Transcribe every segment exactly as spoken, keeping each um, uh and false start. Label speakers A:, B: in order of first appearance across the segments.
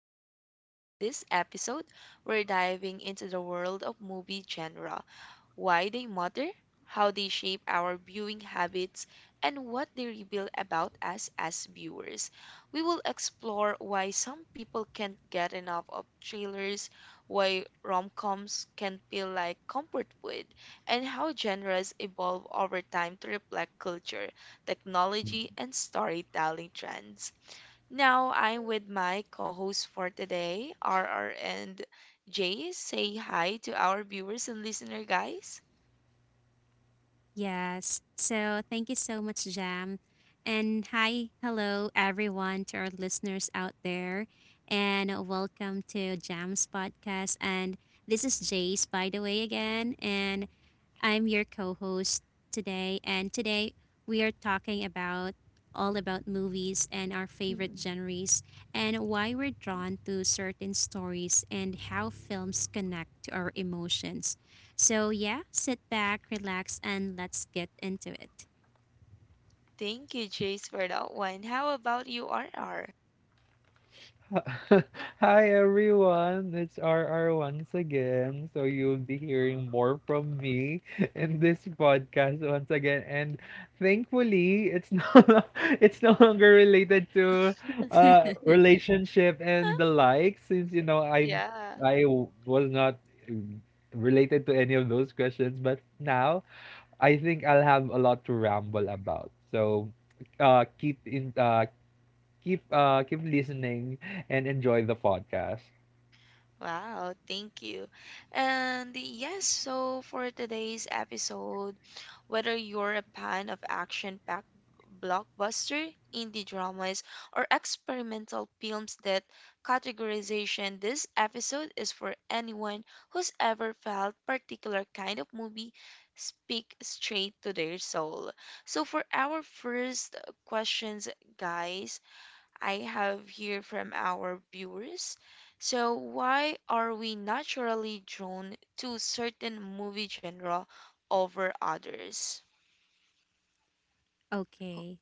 A: everyone. In this episode, we're diving into the world of movie genre, why they matter, how they shape our viewing habits, and what they reveal about us as viewers. We will explore why some people can't get enough of trailers, why rom-coms can feel like comfort food, and how genres evolve over time to reflect culture, technology, and storytelling trends. Now I'm with my co-hosts for today, R R and Jace. Say hi to our viewers and listener, guys.
B: Yes. So thank you so much, Jam. And hi, hello, everyone, to our listeners out there. And welcome to Jam's podcast. And this is Jace, by the way, again. And I'm your co host today. And today we are talking about all about movies and our favorite
A: mm
B: genres and why we're drawn to certain stories and how films connect to our emotions. So, yeah, sit back, relax, and let's get into it.
A: Thank you, Jace, for that one. How about you, R R?
C: Hi everyone, it's R R once again. So you'll be hearing more from me in this podcast once again. And thankfully, it's no it's no longer related to uh relationship and the like since you know I
A: Yeah.
C: I was not related to any of those questions, but now I think I'll have a lot to ramble about. So uh keep in uh keep uh keep listening and enjoy the podcast.
A: Wow, thank you. And yes, so for today's episode, whether you're a fan of action-packed blockbuster, indie dramas, or experimental films that categorization, this episode is for anyone who's ever felt particular kind of movie speak straight to their soul. So for our first questions, guys, I have here from our viewers. So, why are we naturally drawn to certain movie genre over others?
B: Okay.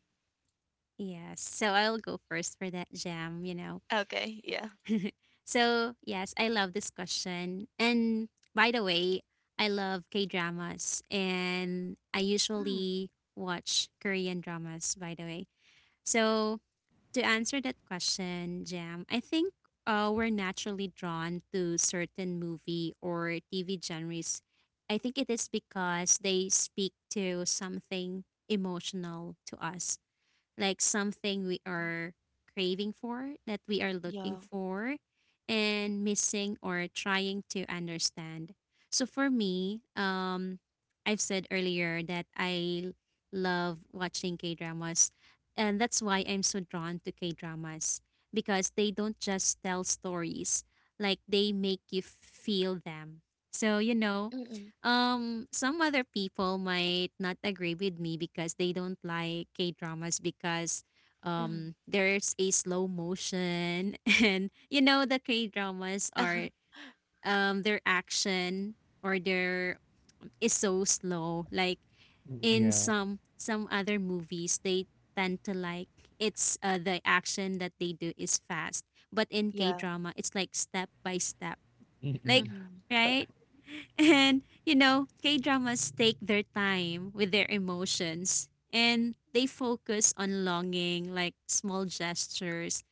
B: Yes. So I'll go first for that Jam, you know.
A: Okay, yeah.
B: So, yes, I love this question. And by the way, I love K dramas and I
A: Mm,
B: usually watch Korean dramas, by the way. So, to answer that question, Jam, I think uh, we're naturally drawn to certain movie or T V genres. I think it is because they speak to something emotional to us, like something we
A: mm,
B: are craving for, that we are looking
A: yeah.
B: for, and missing or trying to understand. So for me, um, I've said earlier that I love watching K dramas, and that's why I'm so drawn to K dramas because they don't just tell stories, like they make you feel them. So, you know,
A: Mm-mm,
B: um, some other people might not agree with me because they don't like K dramas because
A: mm,
B: um there's a slow motion and you know the K dramas are, um their action or their is so slow. Like in
C: Yeah.
B: some some other movies they tend to like it's uh, the action that they do is fast. But in K
A: yeah.
B: drama it's like step by step,
C: Mm-mm.
B: like,
A: Mm-hmm,
B: right? And, you know, K dramas take their time with their emotions and they focus on longing, like small gestures,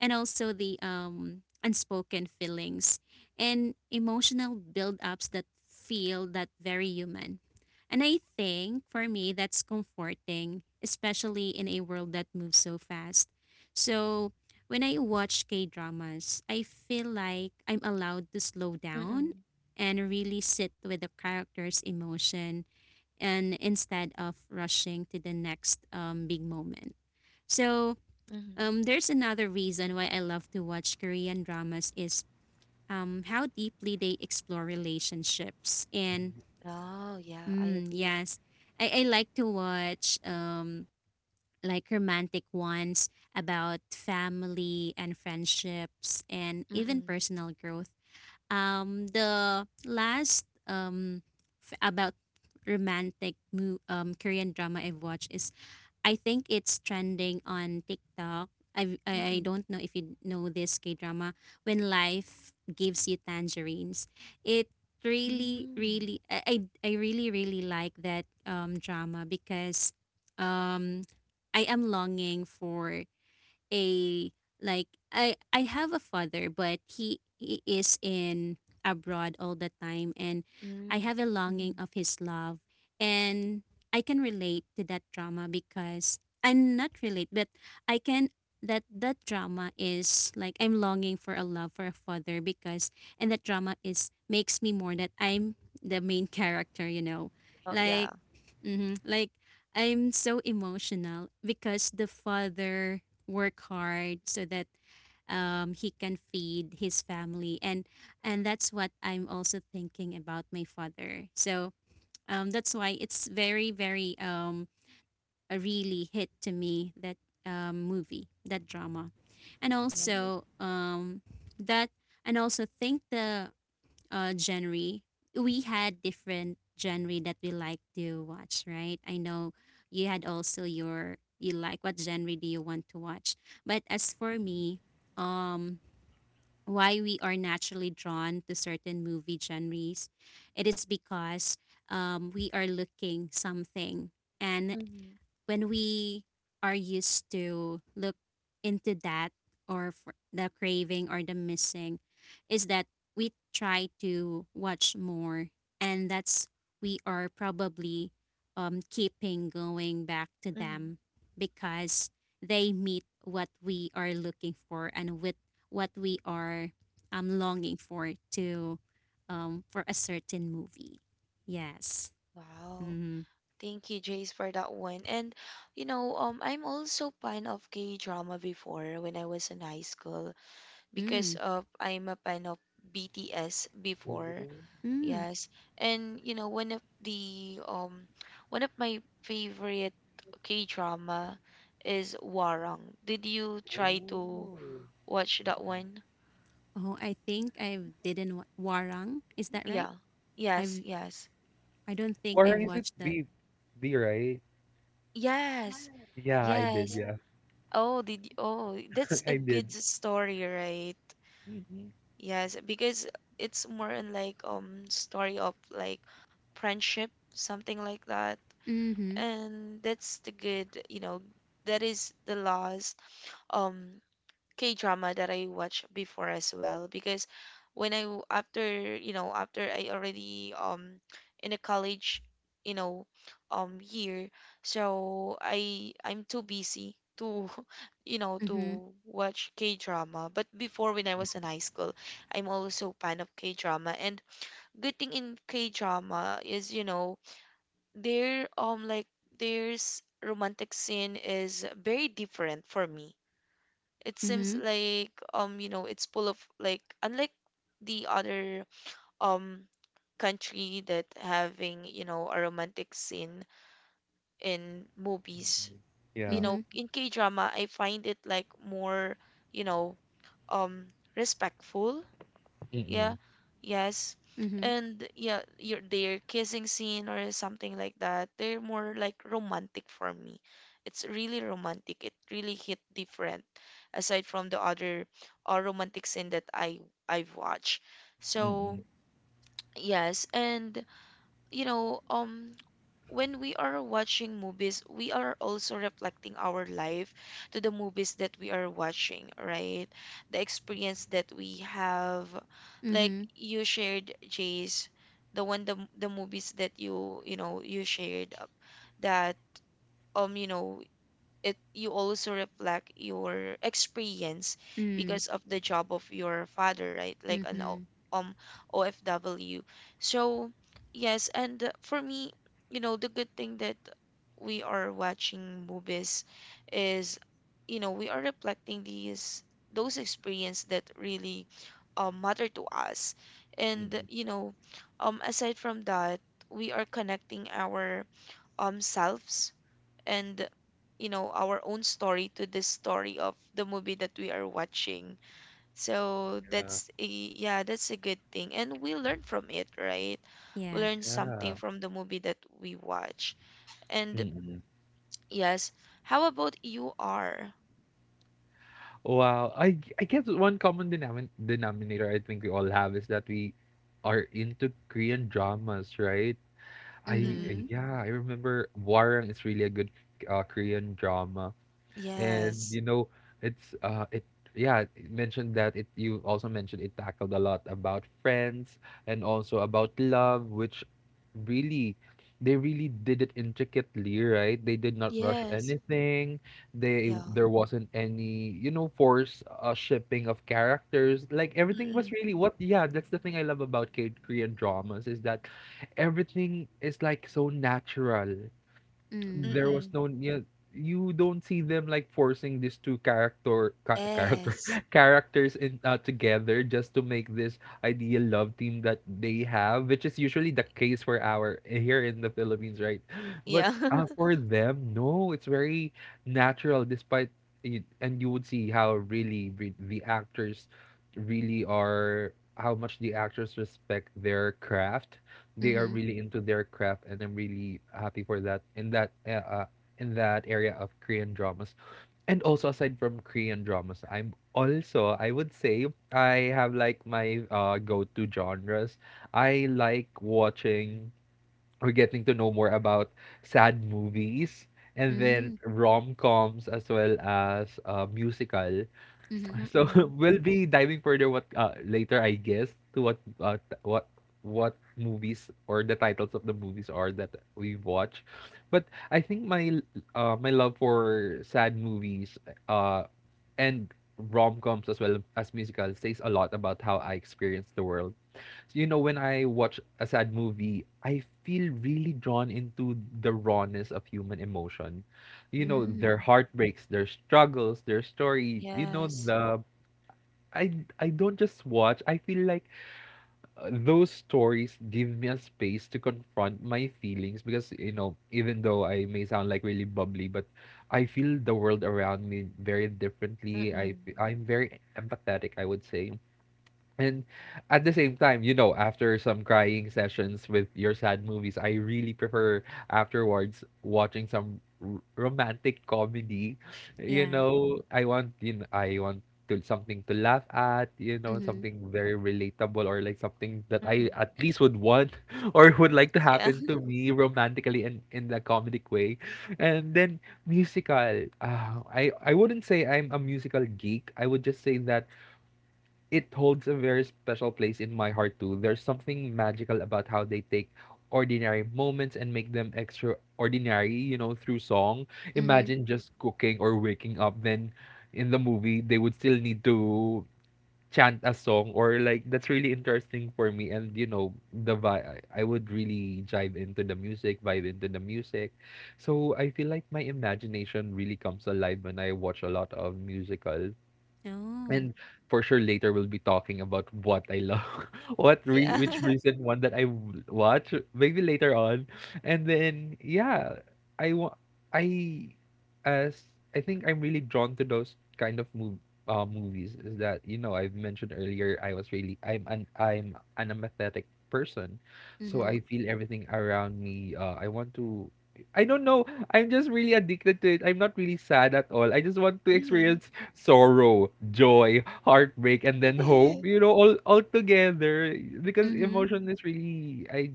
B: and also the um, unspoken feelings and emotional build-ups that feel that very human. And I think for me that's comforting, especially in a world that moves so fast. So when I watch K dramas, I feel like I'm allowed to slow down
A: mm-mm,
B: and really sit with the character's emotion, and instead of rushing to the next um, big moment. So,
A: mm-hmm.
B: um, there's another reason why I love to watch Korean dramas is um, how deeply they explore relationships. And
A: Oh, yeah, I
B: mm,
A: agree.
B: yes, I, I like to watch, um, like romantic ones about family and friendships and even
A: Mm-mm,
B: personal growth. Um, the last, um, f- about romantic mo- um, Korean drama I've watched is, I think it's trending on TikTok. I, I I
A: mm-mm,
B: don't know if you know this K drama. When life gives you tangerines, it really
A: mm,
B: really I I I really really like that um drama because um I am longing for a like I I have a father, but he, he is in abroad all the time, and I
A: mm,
B: have a longing
A: mm-hmm.
B: of his love, and I can relate to that drama because I'm not relate, but I can, that that drama is like I'm longing for a love for a father, because and that drama is makes me more that I'm the main character, you know,
A: Oh,
B: like,
A: yeah,
B: hmm like I'm so emotional because the father work hard so that, um, he can feed his family, and and that's what I'm also thinking about my father. So, um, that's why it's very very, um, a really hit to me, that, um, movie, that drama. And
A: yeah.
B: also, um, that, and also think the uh, genre, we had different genre that we like to watch, right? I know you had also your you like what genre do you want to watch? But as for me, um, why we are naturally drawn to certain movie genres, it is because, um, we are looking something, and
A: Mm-hmm,
B: when we are used to look into that, or for the craving or the missing, is that we try to watch more, and that's we are probably, um, keeping going back to
A: mm-hmm.
B: them, because they meet what we are looking for, and with what we are, um, longing for to, um, for a certain movie. Yes.
A: Wow.
B: Mm-hmm.
A: Thank you, Jace, for that one. And you know, um, I'm also fan of K drama before when I was in high school because
B: Mm.
A: uh, I'm a fan of B T S before.
C: Oh,
B: Mm.
A: Yes, and you know, one of the um, one of my favorite K drama is Warang. Did you try to
C: oh.
A: watch that one?
B: Oh, I think I've didn't wa- Warang. Is that right?
A: Yeah. Yes.
B: I've
A: Yes.
B: I don't think I've
C: Or is it
B: watched that.
C: B? B, right?
A: Yes.
C: Yeah, I did.
A: Yes.
C: Yeah,
A: Oh, did you, oh, that's a
C: I did.
A: good story, right?
C: Mhm.
A: Yes, because it's more in like um story of like friendship, something like that.
B: Mm-hmm.
A: And that's the good, you know, that is the last um K-drama that I watched before as well because when I w- after you know after I already um in a college you know um year so I I'm too busy to you know
B: Mm-hmm.
A: to watch K-drama. But before when I was in high school I'm also fan of K-drama and good thing in K-drama is you know their um like there's romantic scene is very different for me. It seems
B: Mm-hmm.
A: like um you know it's full of like unlike the other um country that having you know a romantic scene in movies. You
C: Yeah.
B: Mm-hmm.
A: know in K-drama I find it like more you know um respectful, yeah, yes.
B: Mm-hmm.
A: And yeah, your their kissing scene or something like that, they're more like romantic for me. It's really romantic. It really hit different aside from the other uh, romantic scene that I I've watched. So,
C: Mm-mm.
A: yes, and you know, um, when we are watching movies, we are also reflecting our life to the movies that we are watching, right? The experience that we have, like
B: Mm-hmm.
A: you shared, Jace, the one the the movies that you you know you shared uh, that um you know it you also reflect your experience
B: Mm.
A: because of the job of your father, right? Like an O-
B: Mm-hmm.
A: um O F W. So yes and uh, for me you know the good thing that we are watching movies is you know we are reflecting these those experience that really um, matter to us and
C: Mhm.
A: you know um aside from that we are connecting our um selves and you know our own story to this story of the movie that we are watching. So
C: Yeah.
A: that's a yeah that's a good thing and we learn from it, right? We
B: Yeah.
A: learn
C: Yeah.
A: something from the movie that we watch. And
C: Mm-mm.
A: yes, how about you are
C: Wow. I I guess one common denomin denominator I think we all have is that we are into Korean dramas, right? I
B: Mm-hmm.
A: mm,
C: yeah, I remember Warang is really a good uh, Korean drama. And
A: yes
C: you know it's uh it yeah, it mentioned that it you also mentioned it tackled a lot about friends and also about love, which really they really did it intricately, right? They did not rush
A: yes
C: anything. they
A: yeah
C: there wasn't any, you know, force uh, shipping of characters, like everything
A: mm-mm,
C: was really what. Yeah, that's the thing I love about K- korean dramas, is that everything is like so natural.
B: Mm.
C: There was
A: mm-mm,
C: no yeah, You don't see them like forcing these two character ca- character
A: yes
C: characters in uh, together just to make this ideal love team that they have, which is usually the case for our here in the Philippines, right? But
A: yeah
C: uh, for them, no, it's very natural despite it, and you would see how really re- the actors really are, how much the actors respect their craft. They are
B: Mm-hmm.
C: really into their craft, and I'm really happy for that in that uh, uh, in that area of Korean dramas. And also aside from Korean dramas, I'm also I would say I have like my uh go-to genres. I like watching or getting to know more about sad movies, and then
B: Mm.
C: rom-coms as well as uh musical.
B: Mm-hmm.
C: So
A: mm-mm,
C: we'll be diving further what uh, later, I guess, to what uh, t- what what movies or the titles of the movies are that we watch. But I think my uh, my love for sad movies uh, and rom-coms as well as musicals says a lot about how I experience the world. So, you know, when I watch a sad movie, I feel really drawn into the rawness of human emotion. You know, their
B: Mm.
A: mm,
C: heartbreaks, their struggles, their story, you know,
A: yes
C: the I I don't just watch. I feel like uh, those stories give me a space to confront my feelings, because you know, even though I may sound like really bubbly, but I feel the world around me very differently. I
A: mm-mm,
C: f- I'm very empathetic, I would say. And at the same time, you know, after some crying sessions with your sad movies, I really prefer afterwards watching some r- romantic comedy. You
B: Yeah.
C: know, I want you know, I want to something to laugh at, you know,
B: Mm-hmm.
C: something very relatable or like something that I
A: mm-mm,
C: at least would want or would like to
A: yeah
C: happen to me romantically and in the comedic way. And then musical. Uh, I I wouldn't say I'm a musical geek. I would just say that it holds a very special place in my heart too. There's something magical about how they take ordinary moments and make them extraordinary, you know, through song.
B: Mm-hmm.
C: Imagine just cooking or waking up, then in the movie they would still need to chant a song or like that's really interesting for me. And you know the vi- I I would really jive into the music, vibe into the music. So I feel like my imagination really comes alive when I watch a lot of musicals.
B: Oh.
C: And for sure later we'll be talking about what I love, what re-
A: yeah
C: which recent one that I w- watch, maybe later on. And then yeah, I wa- I as I think I'm really drawn to those kind of mov- uh, movies, is that you know I've mentioned earlier I was really I'm an I'm an empathetic person, so
B: Mm-hmm.
C: I feel everything around me. Uh, I want to. I don't know. I'm just really addicted to it. I'm not really sad at all. I just want to
A: mm-hmm.
C: experience sorrow, joy, heartbreak, and then hope, you know, all all together, because
B: Mm-hmm.
C: emotion is really I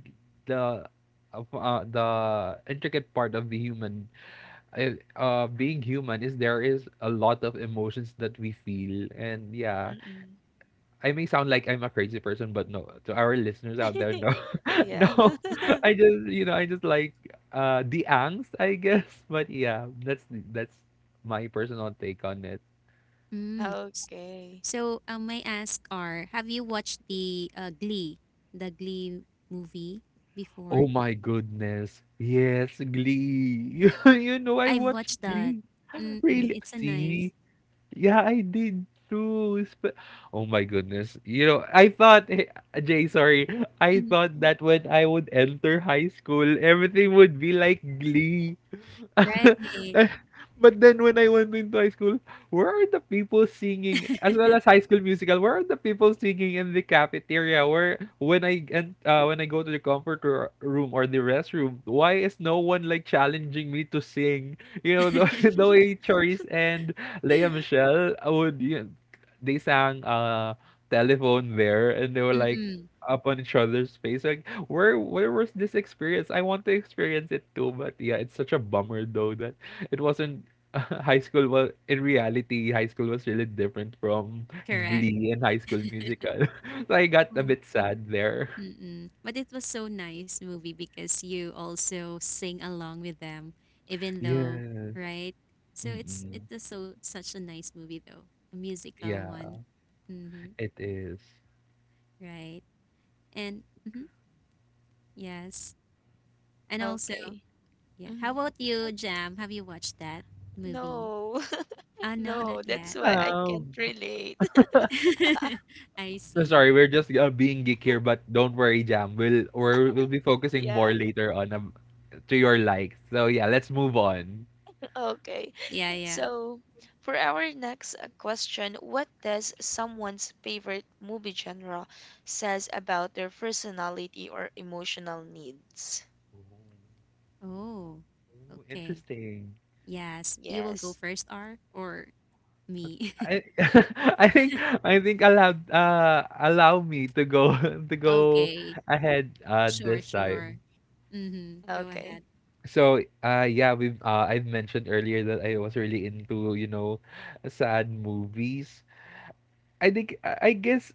C: the of, uh, the intricate part of the human uh, uh being human is there is a lot of emotions that we feel. And yeah,
A: Mm-mm.
C: I may sound like I'm a crazy person, but no, to our listeners out there, no, no,
A: Yeah.
C: i just you know I just like uh the angst, I guess. But yeah, that's that's my personal take on it.
B: Mm. S-
A: Okay.
B: So, um, may ask, are have you watched the uh, Glee, the Glee movie before?
C: Oh my goodness. Yes, Glee. You you know, I
B: I've
C: watched
B: watched that.
C: Glee.
B: Mm-mm,
C: Really?
B: it's a
C: See?
B: nice.
C: Yeah, I did too. Sp- Oh my goodness. You know, I thought, eh, Jay, sorry. I
B: Mm,
C: thought that when I would enter high school, everything would be like Glee.
B: right.
C: But then when I went into high school, where are the people singing as well as High School Musical? Where are the people singing in the cafeteria? Where when I and uh, when I go to the comfort ro- room or the restroom, why is no one like challenging me to sing? You know the, the way Charisse and Leia Michelle would, you know, they sang uh telephone there and they were like
B: Mm-mm,
C: up on each other's face, like where where was this experience? I want to experience it too. But yeah, it's such a bummer though that it wasn't high school was in reality, high school was really different from
B: correct.
C: Glee and High School Musical. So I got a
B: Oh,
C: bit sad there.
B: Mm-mm. But it was so nice movie because you also sing along with them, even though,
C: Yes.
B: right? So it's it
C: Mm-mm.
B: was so such a nice movie though, a musical
C: Yeah,
B: one. Mm-hmm.
C: it is.
B: Right. And mm-hmm, yes. And also,
A: Okay.
B: yeah. How
A: Mhm.
B: about you, Jam? Have you watched that movie?
A: No.
B: Ah, no, not
A: No, that's
B: yet.
A: why I can't
C: Um,
A: relate.
B: I
C: no,
B: see.
C: sorry, we're just uh, being geek here, but don't worry, Jam. We'll we're, we'll be focusing
A: Yeah.
C: more later on um, to your likes. So yeah, let's move on.
A: Okay.
B: Yeah, yeah.
A: So, for our next uh, question, what does someone's favorite movie genre says about their personality or emotional needs?
C: Ooh,
B: Oh,
C: ooh,
B: okay.
C: interesting.
B: Yes, you will go
A: Yes.
B: first, R, or me?
C: I I think I think allow uh allow me to go to go
B: Okay,
C: ahead uh
B: sure,
C: this
B: sure.
C: time.
B: Mm-hmm. Go
A: Okay.
B: ahead.
C: So uh yeah we uh I've mentioned earlier that I was really into, you know, sad movies. I think I I guess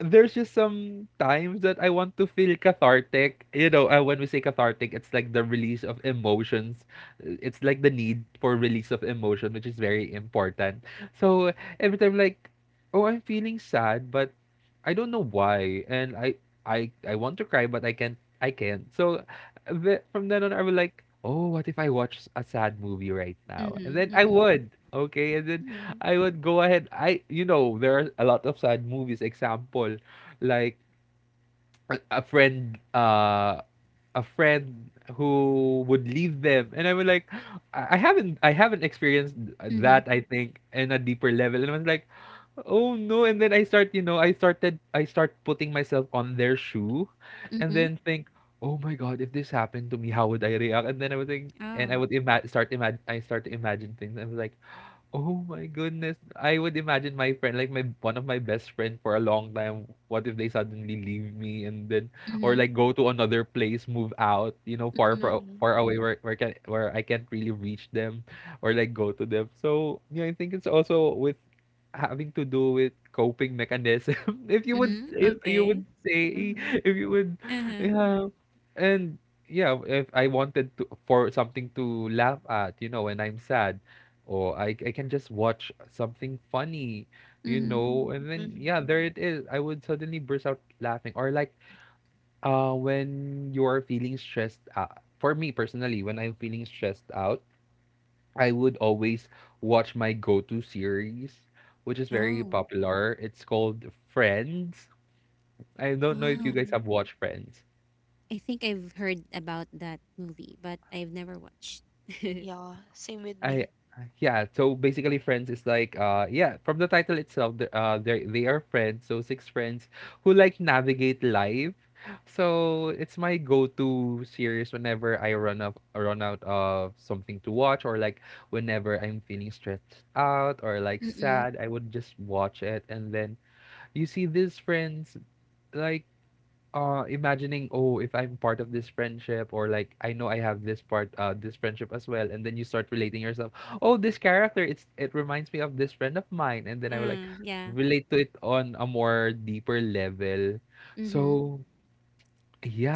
C: there's just some times that I want to feel cathartic. You know, uh, when we say cathartic, it's like the release of emotions. It's like the need for release of emotion, which is very important. So every time, like, oh, I'm feeling sad, but I don't know why, and I, I, I want to cry, but I can't. I can't. So the, from then on, I was like, oh, what if I watch a sad movie right now? And
B: Mm-hmm.
C: then I
B: Mm-hmm.
C: would. Okay, and then
A: Mm-hmm.
C: I would go ahead. I, you know, there are a lot of sad movies. Example, like a- a friend, uh, a friend who would leave them, and I would like, I I haven't, I haven't experienced
B: Mm-hmm.
C: that. I think in a deeper level, and I was like, oh no. And then I start, you know, I started, I start putting myself on their shoe, and
B: Mm-hmm.
C: then think, oh my god, if this happened to me, how would I react? And then I would think, and I
B: Oh.
C: would ima- start imagine, I start to imagine things. I was like, oh my goodness. I would imagine my friend, like my one of my best friend for a long time, what if they suddenly leave me and then or
B: Mm-hmm.
C: like go to another place, move out, you know, far
B: Mm-hmm.
C: far,
A: Mm-hmm.
C: far away, where where can where I can't really reach them or like go to them. So, yeah, I think it's also with having to do with coping mechanism. If you would
B: Mm-hmm.
C: if you
B: Okay.
C: would say
A: Mm-hmm.
C: if you would
B: Uh-huh.
C: yeah. And yeah, if I wanted to for something to laugh at, you know, when I'm sad, oh, I I can just watch something funny, you
B: Mm-hmm.
C: know, and then
A: Mm-hmm.
C: yeah, there it is. I would suddenly burst out laughing. Or like uh when you are feeling stressed out. For me personally, when I'm feeling stressed out, I would always watch my go-to series, which is very
B: Oh.
C: popular. It's called Friends. I don't know if you
B: Oh.
C: guys
A: Mm-hmm.
C: have watched Friends.
B: I think I've heard about that movie, but I've never watched.
A: Yeah, same with
C: I
A: me.
C: Yeah, so basically friends is like uh yeah, from the title itself, the- uh they they are friends, so six friends who like navigate life. So it's my go-to series whenever I run up run out of something to watch, or like whenever I'm feeling stressed out or like
B: Mm-mm.
C: sad, I would just watch it and then you see these friends, like, uh imagining, oh, if I'm part of this friendship, or like I know I have this part uh this friendship as well. And then you start relating yourself, oh, this character, it's it reminds me of this friend of mine. And then I will, like,
B: Mm, yeah.
C: relate to it on a more deeper level.
B: Mm-hmm.
C: So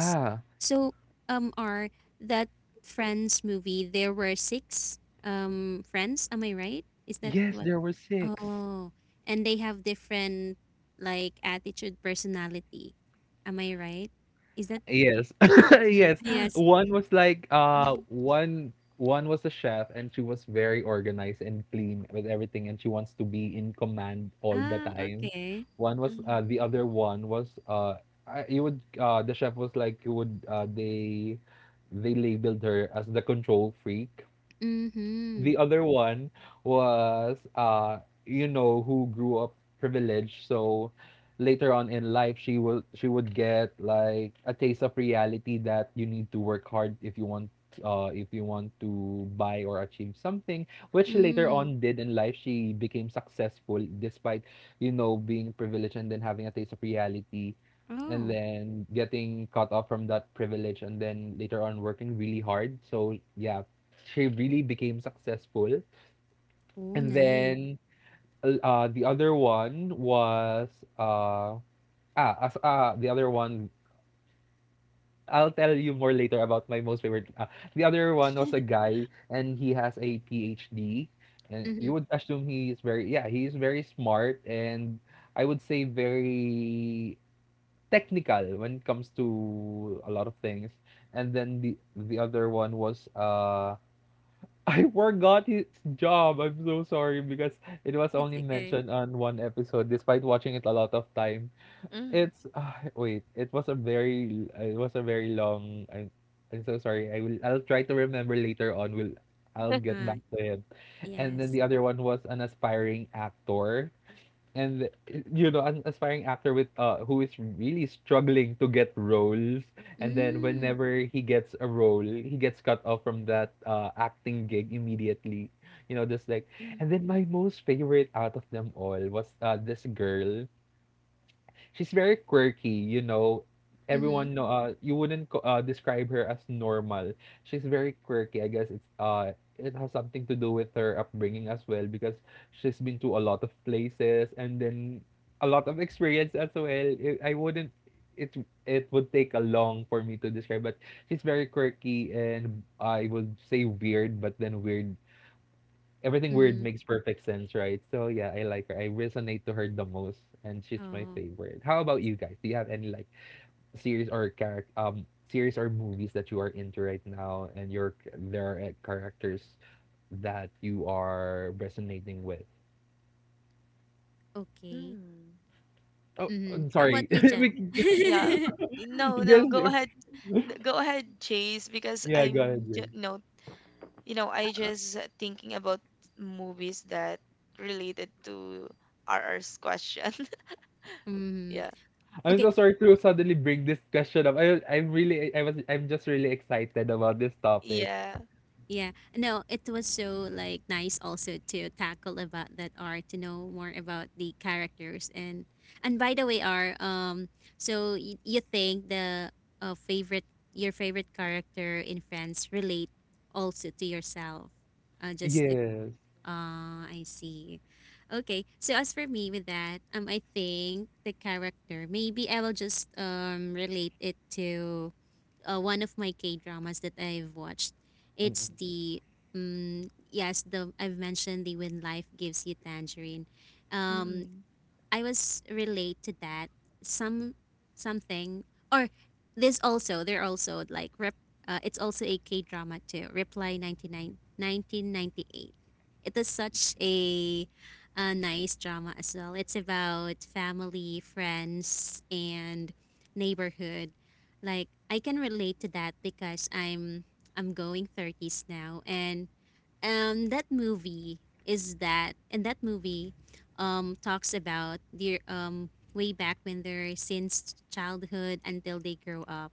B: S- So, um, are that Friends movie, there were six um friends, am I right? Is that
C: Yes,
B: what?
C: there were six.
B: Oh, and they have different, like, attitude, personality. Am I right? Is that,
C: Yes.
B: Mhm,
C: Yes.
B: yes?
C: One was like uh
A: Mm-hmm.
C: one one was a chef, and she was very organized and clean with everything, and she wants to be in command all the
B: Ah,
C: time.
B: okay.
C: One was uh
A: Mhm.
C: The other one was, uh I- you would, uh the chef was like, you would, uh they they labeled her as the control freak.
B: Mm-hmm.
C: The other one was, uh you know, who grew up privileged, so later on in life, she will, she would get like a taste of reality, that you need to work hard if you want, uh if you want to buy or achieve something. Which later
B: Mm.
C: on did in life, she became successful, despite, you know, being privileged and then having a taste of reality and
B: Oh.
C: then getting cut off from that privilege and then later on working really hard, so yeah, she really became successful.
B: Oh,
C: And
B: nice.
C: then, uh, the other one was, uh ah as ah the other one, I'll tell you more later about my most favorite. Uh, the other one was a guy, and he has a P H D, and
B: Mm-hmm.
C: you would assume he is very, yeah, he is very smart, and I would say very technical when it comes to a lot of things. And then the the other one was, uh I forgot his job. I'm so sorry, because it was
B: It's
C: only
B: okay.
C: mentioned on one episode, despite watching it a lot of time.
A: Mhm.
C: It's, ah, wait, it was a very, it was a very long. I'm, I'm so sorry. I will, I'll try to remember later on. Will, I'll get back
B: Ah,
C: to it. And then the
B: yes.
C: other one was an aspiring actor, and you know, an aspiring actor with, uh who is really struggling to get roles, and then
B: Mm.
C: whenever he gets a role he gets cut off from that, uh acting gig immediately, you know, just like.
A: Mhm.
C: And then my most favorite out of them all was, uh this girl. She's very quirky, you know.
B: Mm-hmm.
C: Everyone know, uh, you wouldn't co- uh, describe her as normal. She's very quirky. I guess it's, uh it has something to do with her upbringing as well, because she's been to a lot of places, and then a lot of experience as well. It, I wouldn't, it it would take a long for me to describe, but she's very quirky, and I would say weird, but then weird, everything weird
B: Mm-hmm.
C: makes perfect sense, right? So yeah, I like her. I resonate to her the most, and she's my
B: Oh,
C: favorite. How about you guys? Do you have any like series or character, um series or movies that you are into right now, and your, there are, uh, characters that you are resonating with?
B: okay.
A: Mm.
C: Oh,
B: Mhm.
C: I'm
B: How about
C: sorry.
B: you,
C: We
B: Jam?
C: can-
A: Yeah. No, no,
C: Yes,
A: go
C: yeah,
A: ahead. Go ahead, Chase, because
C: yeah, go ahead,
A: I'm just
C: Jay.
A: no, you know, I
B: Oh,
A: just thinking about movies that related to R R's question.
B: mhm.
A: Yeah.
C: I'm
B: Okay,
C: so sorry to suddenly bring this question up. I I'm really, I was, I'm just really excited about this topic.
A: Yeah.
B: yeah. No, it was so like nice also to tackle about that art, to know more about the characters. And and by the way, R, um, so y- you think the uh, favorite your favorite character in France relate also to yourself? Uh, just, uh,
C: Yes.
B: uh, I see. Okay, so as for me with that, um, I think the character maybe I will just um relate it to, uh, one of my K dramas that I've watched. It's the, um, yes, the, I've mentioned, the When Life Gives You Tangerine. Um,
A: Mm-mm.
B: I was relate to that, some something, or this also they're also like rep, uh, it's also a K drama too. Reply Ninety Nine, Nineteen Ninety Eight. nineteen ninety-eight. It is such a, a nice drama as well. It's about family, friends, and neighborhood. Like I can relate to that because I'm I'm going thirties now, and um that movie is that, and that movie um talks about their, um way back when they're, since childhood until they grow up.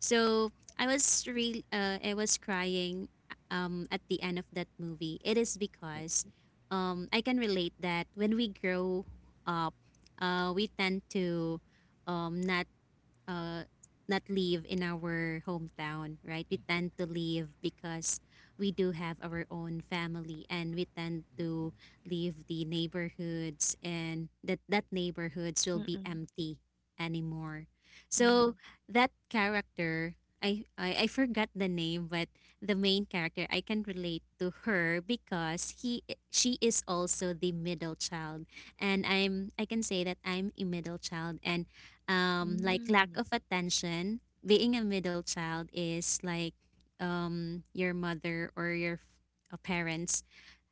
B: So I was really, uh, I was crying um at the end of that movie. It is because um I can relate that when we grow up, uh we tend to, um not, uh, not live in our hometown, right? We tend to leave because we do have our own family, and we tend to leave the neighborhoods, and that that neighborhoods will be
A: Mm-mm.
B: empty anymore.
A: Mm-hmm.
B: So that character, I, I I forgot the name, but the main character I can relate to her because he she is also the middle child, and I'm I can say that I'm a middle child, and, um, like lack
A: Mm.
B: of attention. Being a middle child is like, um, your mother or your, f- uh, parents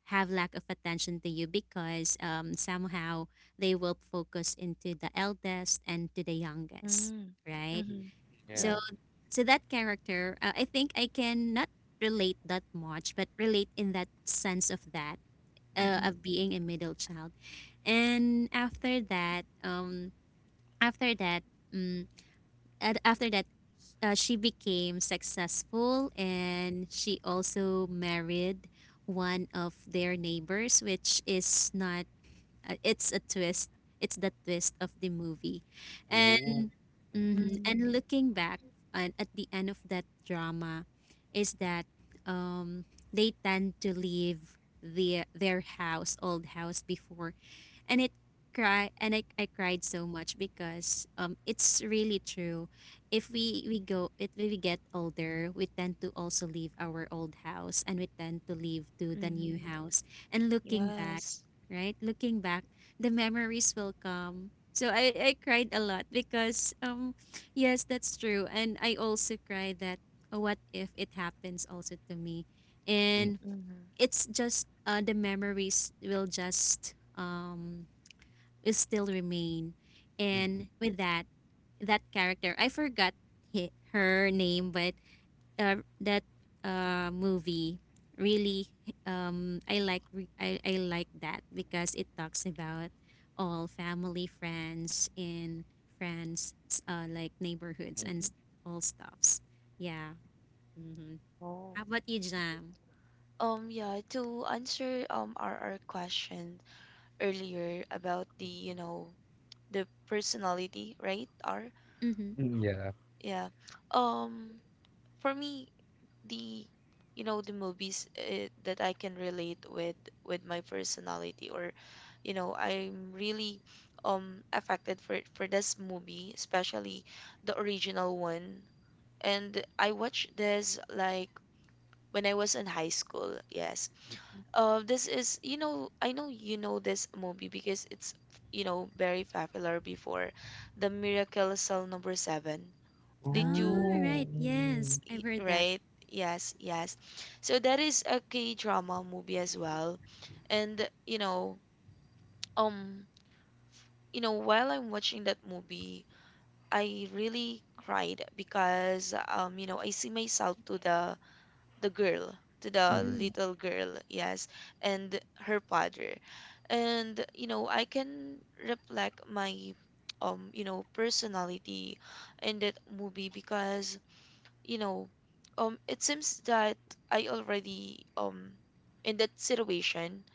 B: have lack of attention to you, because, um, somehow they will focus into the eldest and to the youngest,
A: Mm.
B: right?
A: Mm-hmm.
B: So,
C: Yeah.
A: Yeah.
B: so that character, uh, I think I can not relate that much, but relate in that sense of that, uh,
C: Mm-mm.
B: of being a middle child. And after that, um, after that. mm, and after that, uh, she became successful, and she also married one of their neighbors, which is not uh, it's a twist, it's the twist of the movie.
C: Oh.
B: And mhm,
A: Mm.
B: and looking back, and at the end of that drama is that, um they tend to leave the their house old house before, and it cry, and I, I cried so much because um it's really true. If we we go if we get older, we tend to also leave our old house, and we tend to leave to the new
A: Mm-hmm.
B: house. And looking back,
A: Yes.
B: right, looking back, the memories will come. So I, I cried a lot because um yes, that's true. And I also cry that, oh, what if it happens also to me, and
A: Mm-hmm.
B: it's just, uh, the memories will just um is still remain. And with that, that character, I forgot hi her name, but, uh, that, uh, movie really, um I like re- I, I like that because it talks about all family, friends, and friends, s- uh, like neighborhoods, and s- all stuffs. Yeah. Mm-hmm.
A: Oh.
B: How about you, Jam?
A: Um, yeah, to answer um our, our question, earlier about the you know the personality right are
B: Mm-hmm.
C: Mm, yeah.
A: yeah um for me the you know the movies uh, that I can relate with with my personality or you know I'm really um affected for for this movie especially the original one and I watched this like when I was in high school yes. Uh, this is, you know, I know you know this movie because it's, you know, very popular before. The Miracle Cell Number Seven. Did
B: Ah,
A: you,
C: Oh.
B: right.
C: Mm,
B: Yes,
A: y-
B: I've heard that.
A: right? Yes, yes. So that is a K-drama movie as well. And, you know, um, you know, while I'm watching that movie, I really cried because, um, you know, I see myself to the the girl to the
B: Mm-hmm.
C: mm,
A: little girl yes and her father and you know I can reflect my um you know personality in that movie because you know um it seems that I already um in that situation,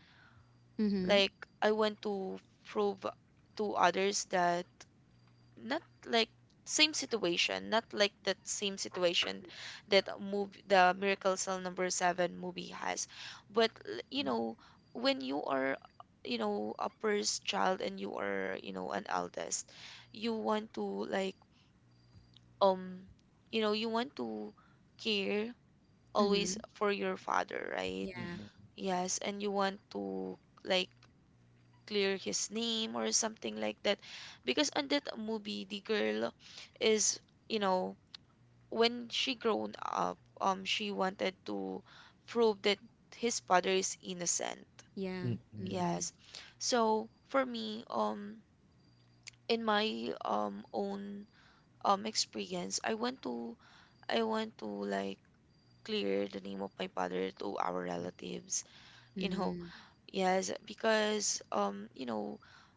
B: Mm-hmm.
A: like I want to prove to others that not like same situation, not like that same situation that move the Miracle Cell number seven movie has. But l- you know, when you are you know a first child and you are you know an eldest, you want to like um you know you want to care always
B: Mm-hmm.
A: for your father, right?
B: Yeah.
A: Yes, and you want to like clear his name or something like that because on that movie the girl is you know when she grown up um she wanted to prove that his father is innocent
C: mm,
B: Yeah.
C: mm, mm,
B: Mm-mm.
A: yes. So for me um in my um own um experience i want to I want to like clear the name of my father to our relatives you know.
B: Mm.
A: Yes, because um, you know,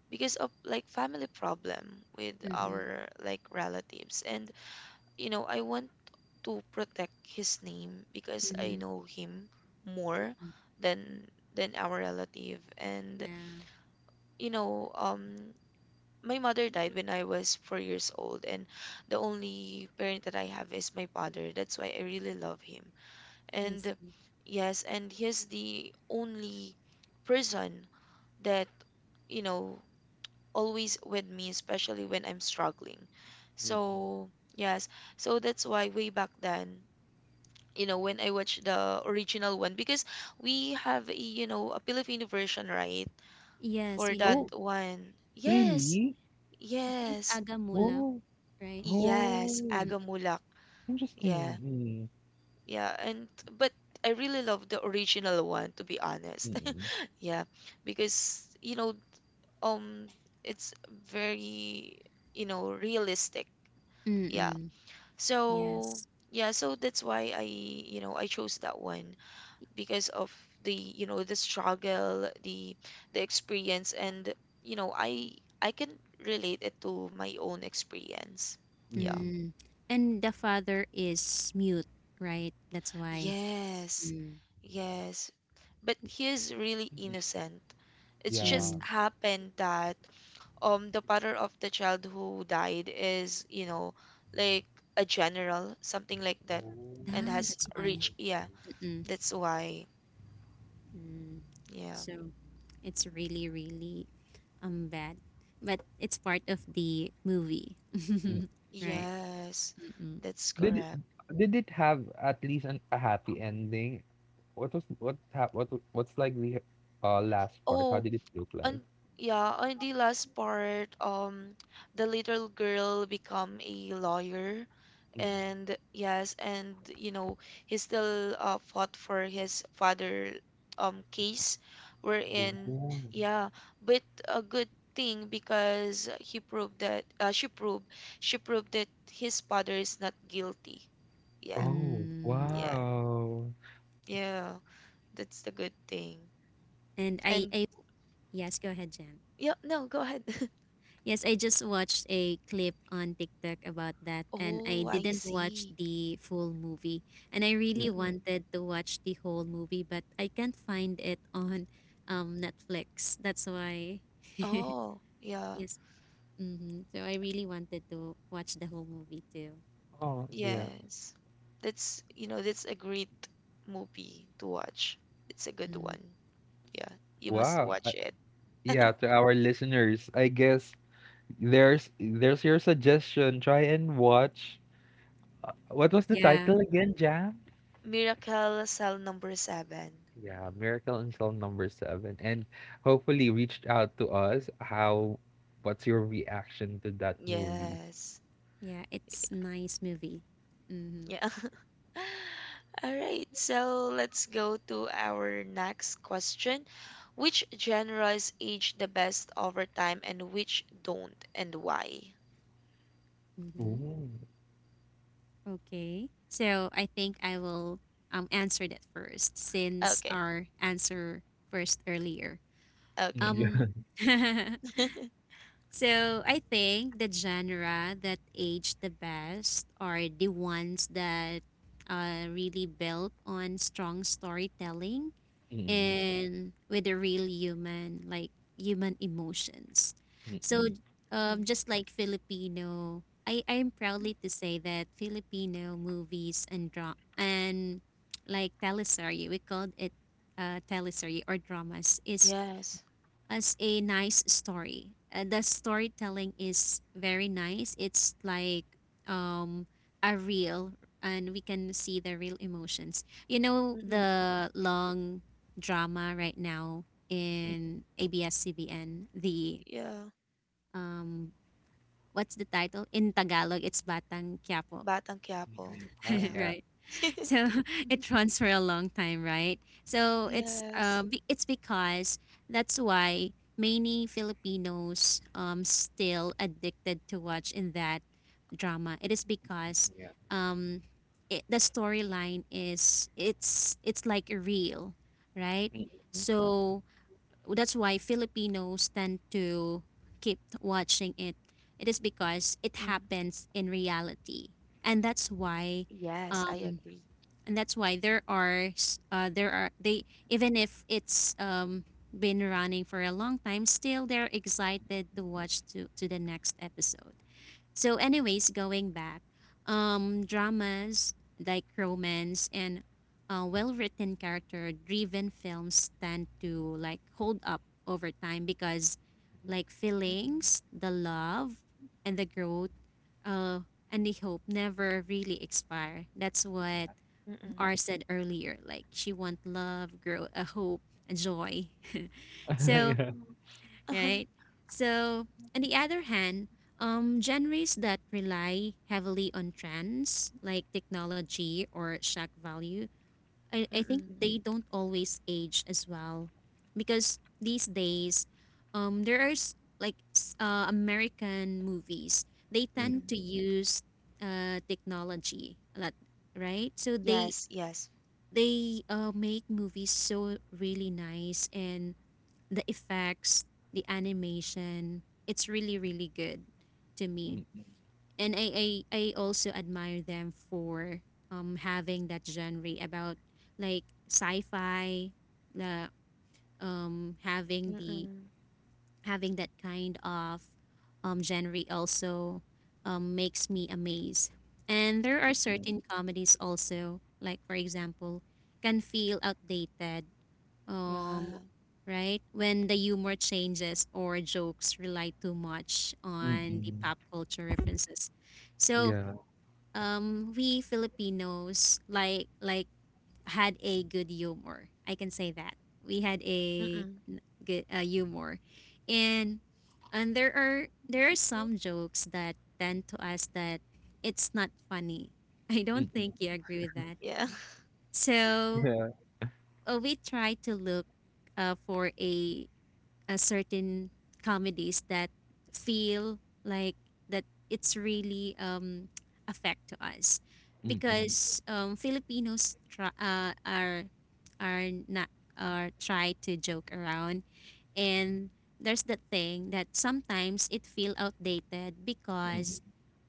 A: because of like family problem with
B: Mm-hmm.
A: our like relatives and you know, I want to protect his name because I
B: Mm-hmm.
C: mm.
A: know him more
B: Mm.
A: than than our relative and
B: Yeah.
A: you know, um my mother died when I was four years old and the only parent that I have is my father. That's why I really love him.
B: I
A: And
B: see.
A: yes, and he's the only person that you know always with me especially when I'm struggling
C: Mm.
A: so yes. So that's why way back then you know when I watched the original one because we have a, you know a filipino version right
B: Yes,
A: for
B: we
A: that
B: had.
C: Oh,
A: one yes
C: really?
B: I think
A: yes
B: Agamulak,
C: Oh,
B: right?
A: yes
C: oh,
B: Mm-mm.
A: agamulak yeah
C: interesting. Mm,
A: yeah. And but I really love the original one to be
C: mm,
A: honest
C: mm,
A: yeah because you know um it's very you know realistic yeah.
B: Mm-mm.
A: So
B: Yes.
A: yeah so that's why I you know I chose that one because of the you know the struggle the the experience and you know i I can relate it to my own experience
C: mm,
A: yeah
C: mm.
B: Mm. And the father is mute, right? That's why.
A: yes
B: Mm.
A: yes. But he is really innocent. It's
C: Yeah.
A: just
B: Mm.
A: happened that um the father of the child who died is you know like a general something like that and
B: Ah,
C: Oh.
A: has
B: that's why.
A: reached yeah
B: Mm-mm.
A: that's why
B: Mm.
A: yeah
B: So it's really, really um bad. But it's part of the movie.
C: Mm.
B: Right?
A: yes
B: Mm-mm.
A: that's
C: Did it,
A: correct
C: did it have at least an, a happy ending? What was what hap what w- what's like the, uh last part? How
A: oh.
C: did it look like?
A: And yeah, on the last part, um, the little girl become a lawyer,
C: Mm, mm.
A: and yes, and you know he still uh, fought for his father um case,
C: Oh.
A: wherein
C: Mm.
A: yeah, but a good thing because he proved that uh, she proved she proved that his father is not guilty. Yeah,
C: Oh,
B: Mm.
A: yeah,
C: wow.
A: yeah. That's the good thing.
B: And I,
A: And
B: I yes, go ahead, Jan.
A: yeah, no, go ahead.
B: Yes, I just watched a clip on TikTok about that, and I
A: Oh, I
B: didn't watch
A: see.
B: the full movie. And I really
A: Mm-mm.
B: wanted to watch the whole movie, but I can't find it on um Netflix. That's why.
A: Oh, yeah.
B: Yes. Mm-hmm. So I really wanted to watch the whole movie too.
C: Oh, yeah.
A: Yes. That's, you know, that's a great movie to watch. It's a good
B: Mm-hmm.
A: one. Yeah. You must
C: Wow.
A: watch it.
C: Yeah, to our listeners, I guess there's there's your suggestion. Try and watch. uh, What was the
B: Yeah.
C: title again, Jam?
A: Miracle Cell Number seven.
C: Yeah, Miracle in Cell Number Seven, and hopefully reached out to us. How? What's your reaction to that movie?
A: Yes.
B: Yeah, it's nice movie. Mm-hmm.
A: Yeah. All right. So let's go to our next question. Which genres age the best over time and which don't and why?
B: Mm-hmm.
C: Ooh.
B: Okay. So I think I will um answer that first since
A: Okay.
B: our answer first earlier.
A: Okay.
C: Yeah.
B: Um so I think the genre that age the best are the ones that uh really built on strong storytelling
C: Mm-mm,
B: and with a real human, like human emotions.
C: mm-mm,
B: So,
C: mm.
B: um,
A: Mm-mm.
B: just like Filipino, I I'm proudly to say that Filipino movies and dra- and like teleserye, we called it uh, teleserye or dramas, is
A: Yes.
B: as a nice story. Uh, the storytelling is very nice. It's like um a real and we can see the real emotions. You know the long drama right now in A B S-C B N, the
A: Yeah,
B: um what's the title? In Tagalog, it's Batang Quiapo,
A: Batang Quiapo.
C: Ah,
A: Yeah.
C: yeah,
B: right? So it runs for a long time, right? So it's uh,
A: Yes.
B: be- it's because that's why many Filipinos um still addicted to watch in that drama. It is because um it, the storyline is it's it's like real, right? So that's why Filipinos tend to keep watching it. It is because it
A: Mm-mm.
B: happens in reality, and that's why
A: Yes, I
B: um,
A: agree.
B: and that's why there are s- uh, there are they, even if it's um been running for a long time, still they're excited to watch to to the next episode. So anyways, going back, um dramas like romance and uh, well-written character driven films tend to like hold up over time because like
A: Mm-mm.
B: feelings, the love and the growth uh and the hope never really expire. That's what
C: yeah,
A: Mm-mm.
B: R said earlier, like she want love, grow, a hope, a joy.
A: Yeah.
B: So
C: yeah.
B: right. So on the other hand, um, genres that rely heavily on trends like technology or shock value, I, I think
A: Mm-mm.
B: they don't always age as well, because these days, um, there are s- like s- uh, American movies. They
C: Mm,
B: tend
A: Mm-mm.
B: to use uh technology a lot, right? So they
A: Yes, yes.
B: they uh, make movies so really nice, and the effects, the animation, it's really really good to me. And i i, I also admire them for um having that genre about like sci-fi, the um having the
A: Mm-mm.
B: having that kind of um, genre also um, makes me amazed. And there are certain comedies also, like for example, can feel outdated, um,
A: Yeah.
B: right? When the humor changes or jokes rely too much on the
C: mm-mm,
B: pop culture references. So
C: yeah.
B: um, we Filipinos like like had a good humor. I can say that. We had a
A: Mm-mm.
B: n- good uh, humor. And and there are there are some jokes that tend to us that it's not funny. I don't think
C: Mm-mm,
B: you agree with that.
A: Yeah.
B: So,
C: yeah.
B: uh, we try to look uh, for a uh, certain comedies that feel like that it's really um affect to us
C: Mm-mm,
B: because um Filipinos try, uh, are are not are try to joke around, and there's that thing that sometimes it feel outdated
C: mm-mm,
B: because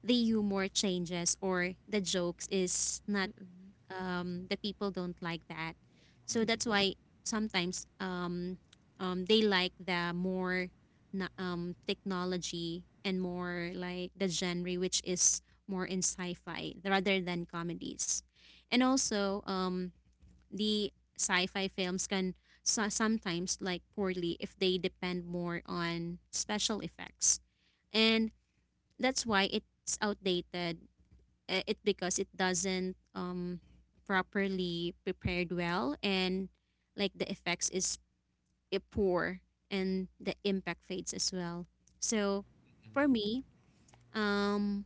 B: the humor changes or the jokes is not
A: Mm-mm.
B: um, the people don't like that. So that's why sometimes um, um, they like the more na- um, technology and more like the genre which is more in sci-fi rather than comedies. And also um, the sci-fi films can so- sometimes like poorly if they depend more on special effects. And that's why it's outdated, uh, it because it doesn't um properly prepared well, and like the effects is uh, poor and the impact fades as well. So for me, um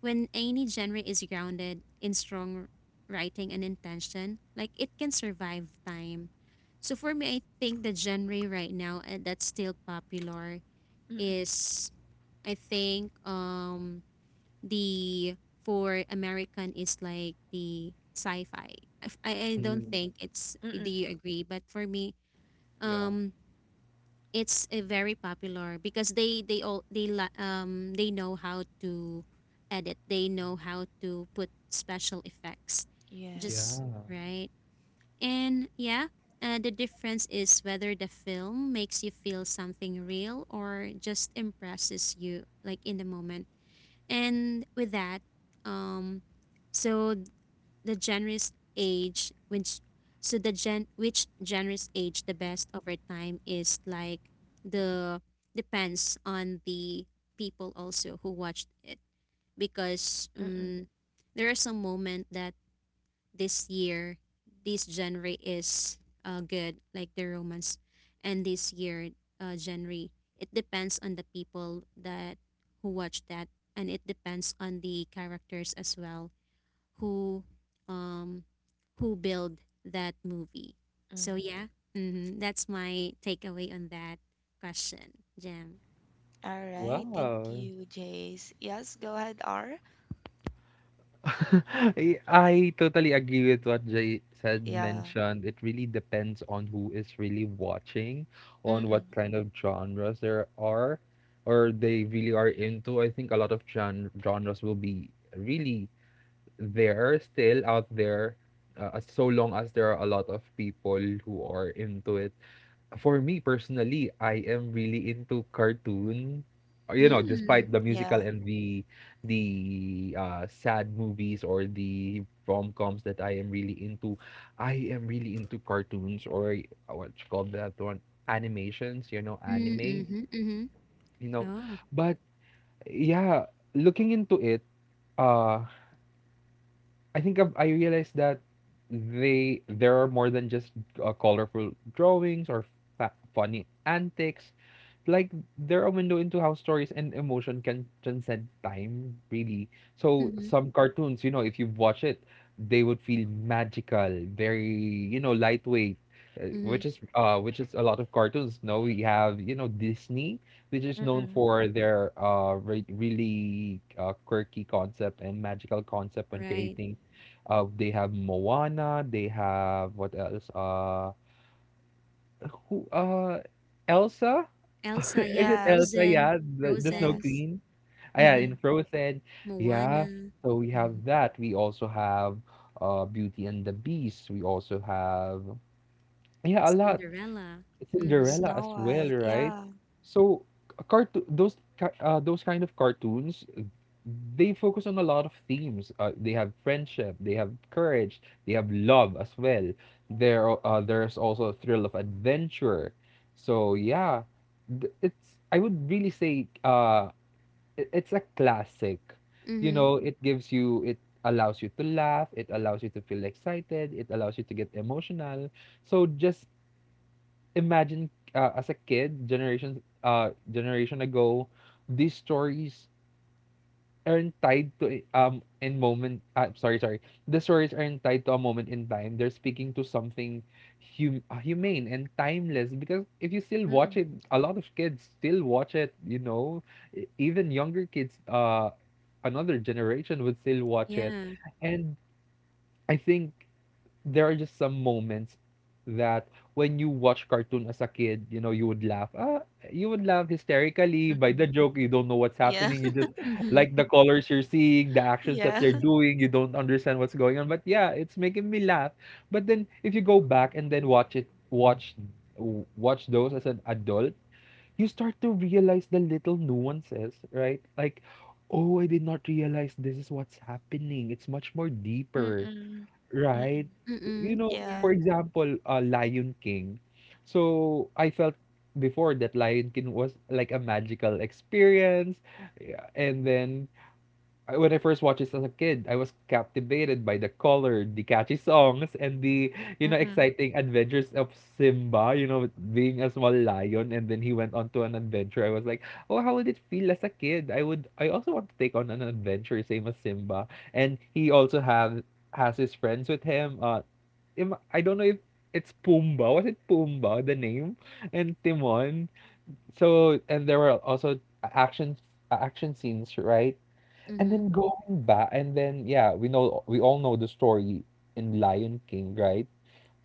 B: when any genre is grounded in strong writing and intention, like it can survive time. So for me, I think the genre right now uh, that's still popular
A: Mm-mm.
B: is I think um the for American is like the sci-fi. If- I, I don't
C: mm.
B: think it's do
A: Mm-mm.
B: you agree? But for me,
C: Yeah.
B: um, it's a very popular because they they all they li- um they know how to edit. They know how to put special effects,
A: Yes.
B: just
C: Yeah.
B: right. And yeah, uh, the difference is whether the film makes you feel something real or just impresses you like in the moment. And with that, um, so the generous age, which so the gen which generous age the best over time is like the depends on the people also who watched it because
A: Mm-mm.
B: um, there are some moment that this year this genre is uh, good like the romance, and this year uh, January. It depends on the people that who watch that, and it depends on the characters as well who um who build that movie. So
A: Mm-hmm.
B: yeah, mm-hmm, that's my takeaway on that question, Jam.
A: All right. Thank
C: Wow.
A: you, Jace. Yes, go ahead, R.
C: I I totally agree with what Jay said
A: Yeah.
C: mentioned. It really depends on who is really watching, on what
A: Mm-mm.
C: kind of genres there are, or they really are into. I think a lot of gen genres will be really there, still out there, uh, as- so long as there are a lot of people who are into it. For me personally, I am really into cartoon. Uh, You know,
A: Mm-mm.
C: despite
B: Mm.
C: the musical
A: Yeah.
C: and the the uh, sad movies or the rom-coms that I am really into, I am really into cartoons, or, uh, what you call that one, animations. You know,
B: Mm,
C: anime.
B: mm-hmm, mm-hmm.
C: You know,
B: Oh.
C: but yeah, looking into it, uh, I think I've, I realized that they, there are more than just, uh, colorful drawings or fa funny antics, like, they're a window into how stories and emotion can transcend time, really. So
B: Mm-hmm,
C: some cartoons, you know, if you watch it, they would feel magical, very, you know, lightweight, uh,
B: mm-hmm.
C: which is, uh which is a lot of cartoons. No, we have, you know, Disney, which is known
A: Mm-mm.
C: for their, uh re really, uh, quirky concept and magical concept when
B: Right.
C: creating. Uh, they have Moana, they have what else? Uh who? Uh, Elsa?
B: Elsa,
C: Is
B: yeah.
C: it
A: Yes.
C: Elsa?
B: Frozen.
C: Yeah, the, the Snow
B: Frozen.
A: Yes.
C: Queen. Ah, yeah,
B: Mm-hmm.
C: in
A: Mm-mm.
C: Frozen. Yeah.
B: Moana.
C: So we
B: Mm-hmm.
C: have that. We also have, uh Beauty and the Beast. We also have, yeah, a lot.
B: Cinderella. Mm-hmm.
C: Cinderella
A: Snow
C: as well,
A: White.
C: right?
A: Yeah.
C: So cartoon, those ki- uh those kind of cartoons, they focus on a lot of themes. Uh, they have friendship, they have courage, they have love as well. There, are-, uh, there's also a thrill of adventure. So yeah, th- it's, I would really say, uh, it, it's a classic. You
B: Mm-hmm.
C: know, it gives you it, allows you to laugh, it allows you to feel excited, it allows you to get emotional. So just imagine, uh, as a kid, generations, uh generation ago, these stories aren't tied to a- um in moment, uh, sorry sorry, the stories aren't tied to a moment in time, they're speaking to something, hum- uh, humane and timeless, because if you still watch it,
A: Mm-mm.
C: a lot of kids still watch it, you know. E- even younger kids, uh another generation would still watch it.
B: Yeah.
C: And I think there are just some moments that, when you watch cartoon as a kid, you know, you would laugh. Ah, you would laugh hysterically by the
A: Mm-mm.
C: joke. You don't know what's
A: Yeah.
C: happening. You just
B: Mhm.
C: like the colors you're seeing, the actions that
A: Yeah.
C: they're doing. You don't understand what's going on. But yeah, it's making me laugh. But then if you go back and then watch it, watch, w- watch those as an adult, you start to realize the little nuances, right? Like, oh, I did not realize this is what's happening. It's much more deeper.
A: Mm-mm.
C: Right.
A: Mm-mm.
B: Mm-mm.
C: You know,
B: Yeah.
A: Yeah.
C: for example, uh, Lion King. So I felt before that Lion King was like a magical experience, yeah, and then, I- when I first watched this as a kid, I was captivated by the color, the catchy songs, and the, you know,
A: Mm-mm.
C: exciting adventures of Simba. You know, with being a small lion, and then he went on to an adventure. I was like, oh, how would it feel as a kid? I would. I also want to take on an adventure, same as Simba. And he also have, has his friends with him. Uh, Im- I don't know if it's Pumbaa. Was it Pumbaa the name? And Timon. So and there were also action action scenes, right? And
B: Mhm.
C: then going back, and then yeah, we know, we all know the story in Lion King, right?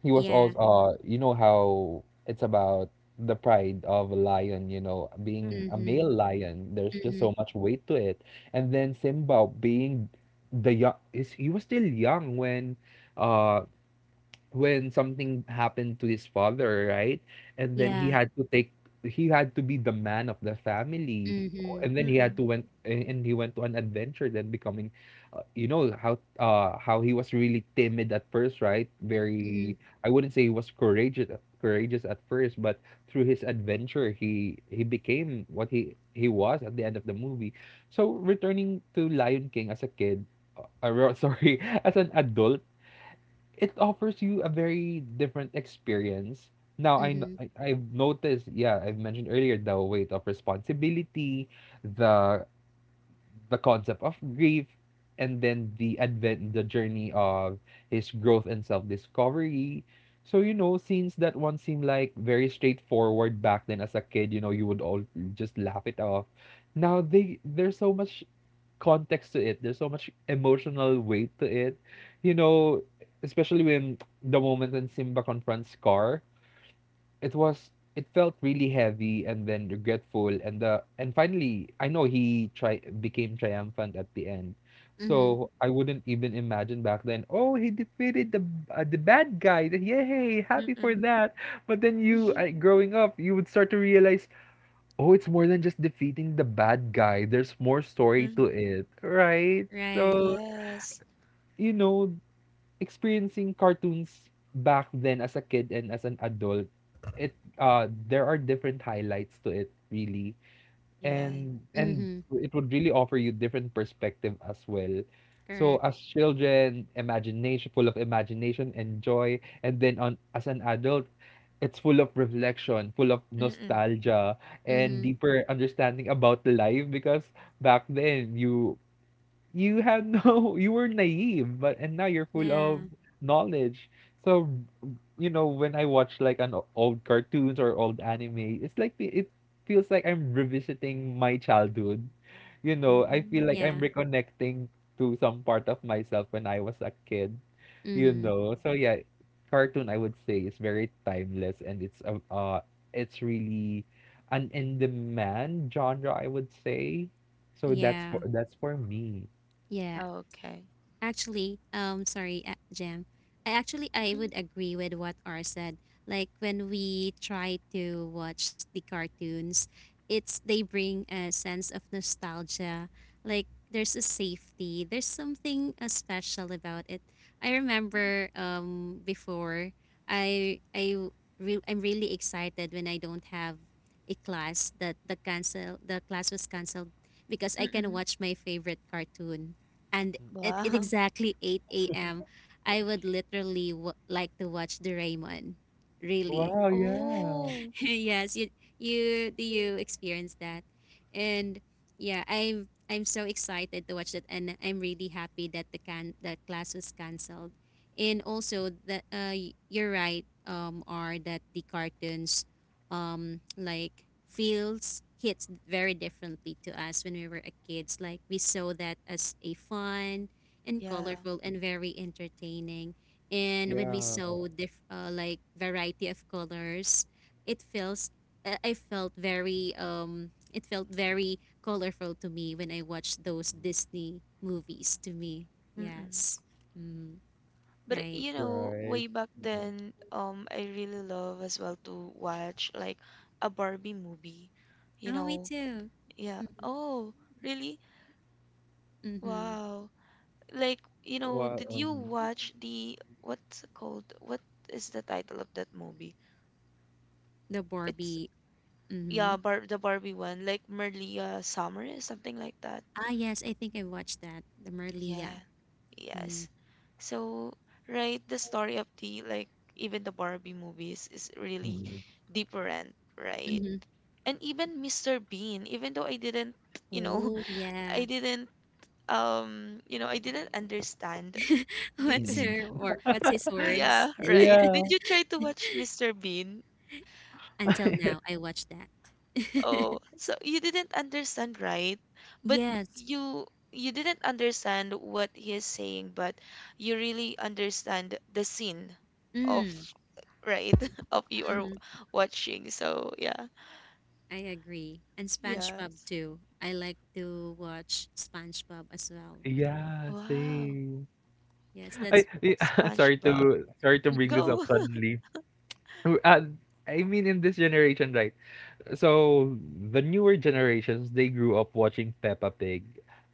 C: He was
B: Yeah.
C: also, uh, you know how it's about the pride of a lion, you know, being a
A: Mm-mm.
B: Mhm.
C: male lion. There's just
B: Mhm.
C: so much weight to it. And then Simba being the young is, he was still young when, uh when something happened to his father, right? And then he
B: Yeah.
C: had to take, he had to be the man of the family.
B: Mhm.
C: And then he had to
A: Mm-mm.
C: went, and and he went to an adventure, then becoming, uh, you know how, uh how he was really timid at first, right?
B: Mhm.
C: Very, I wouldn't say he was courageous, courageous at first, but through his adventure, he he became what he he was at the end of the movie. So returning to Lion King as a kid, uh, uh, ro- sorry, as an adult, it offers you a very different experience. Now I, kn-
B: Mhm.
C: I, I've noticed, yeah, I've mentioned earlier the weight of responsibility, the the concept of grief, and then the advent the journey of his growth and self-discovery. So you know, scenes that once seemed like very straightforward back then as a kid, you know, you would all just laugh it off. Now they, there's so much context to it. There's so much emotional weight to it. You know, especially when the moment when Simba confronts Scar, it was, it felt really heavy and then regretful, and the, and finally I know he tri- became triumphant at the end.
B: Mhm.
C: So I wouldn't even imagine back then. Oh, he defeated the, uh, the bad guy. Yay, happy for
A: Mm-mm.
C: that. But then you, uh, growing up, you would start to realize, oh, it's more than just defeating the bad guy. There's more story
A: Mm-hmm.
C: to it, right?
B: Right.
C: So,
A: Yes.
C: you know, experiencing cartoons back then as a kid and as an adult, it uh there are different highlights to it, really.
A: Yeah.
C: And and
B: Mhm.
C: It would really offer you different perspective as well. So
B: Correct.
C: as children imagination, full of imagination and joy, and then on as an adult it's full of reflection, full of
A: Mm-mm.
C: nostalgia and
B: Mhm.
C: deeper understanding about life. Because back then you you had no, you were naive, but and now you're full
B: Yeah.
C: of knowledge. So you know when i watch like an o- old cartoons or old anime, it's like fe- it feels like i'm revisiting my childhood. You know i feel like
B: Yeah.
C: i'm
A: Mm.
C: reconnecting to some part of myself when i was a kid, you
B: Mhm.
C: know so yeah. Cartoon, I would say, is very timeless and it's a uh it's really an in demand genre, I would say. So that's for
B: Yeah.
C: that's for me.
B: Yeah.
A: Okay.
B: Actually, um, sorry, uh, Jam. I actually I
A: Mm.
B: would agree with what R said. Like when we try to watch the cartoons, it's they bring a sense of nostalgia. Like there's a safety. There's something uh, special about it. I remember um before I I re- I'm really excited when I don't have a class, that the cancel the class was canceled because I can
A: Mm-mm.
B: watch my favorite cartoon, and at at
A: Wow.
B: exactly eight a m, I would literally w- like to watch Doraemon. Really.
C: Wow, yeah.
A: Oh.
B: Yes, you you do you experience that. And yeah, I'm I'm so excited to watch that, and I'm really happy that the can the class was cancelled. And also that uh y- you're right, um are that the cartoons um like feels hits very differently to us when we were a kids. Like we saw that as a fun and
A: Yeah.
B: colorful and very entertaining, and when we
C: Yeah,
B: saw diff- uh, like variety of colors, it feels uh, I felt very um it felt very colorful to me when I watched those Disney movies to me.
A: Mm-mm.
B: Yes. Mm,
A: But
B: right.
A: you know,
C: right.
A: way back then, um, I really love as well to watch like a Barbie movie. You
B: Oh, me
A: know.
B: too.
A: Yeah.
B: Mm-hmm.
A: Oh, really?
B: Mm-hmm.
A: Wow. Like, you know,
C: Wow,
A: did you
C: um,
A: watch the what's it called? What is the title of that movie?
B: The
A: It's
B: Barbie. Mm-hmm.
A: yeah, Bar the Barbie one, like Merlia Summers, something like that.
B: Ah, yes, I think I watched that. The
A: Yeah.
B: Merlia. Mm-hmm.
A: Yes. So, right, the story of the like even the Barbie movies is really
C: mm,
A: different, right?
B: Mm-hmm.
A: And even mister Bean, even though I didn't, you know,
B: Oh,
A: I
B: yeah.
A: didn't um, you know, I didn't understand the
B: What's her
C: mm.
B: or what's his
A: yeah,
B: words?
A: right. Did
C: Yeah.
A: you try to watch mister Bean?
B: Until now, I watched that.
A: Oh, so you didn't understand, right? But
B: Yes.
A: you you didn't understand what he is saying, but you really understand the scene of,
B: Mm-hmm.
A: right, of you are
B: Mm-hmm.
A: watching. So, yeah.
B: I agree. And SpongeBob
A: Yes.
B: too. I like to watch SpongeBob as well.
C: Yeah,
A: Wow.
C: same.
B: Yes, that's.
C: I, I sorry
A: SpongeBob.
C: to sorry to bring
B: Mm-mm,
C: this up
A: Go.
C: suddenly. Uh, I mean, in this generation, right? So the newer generations, they grew up watching Peppa Pig,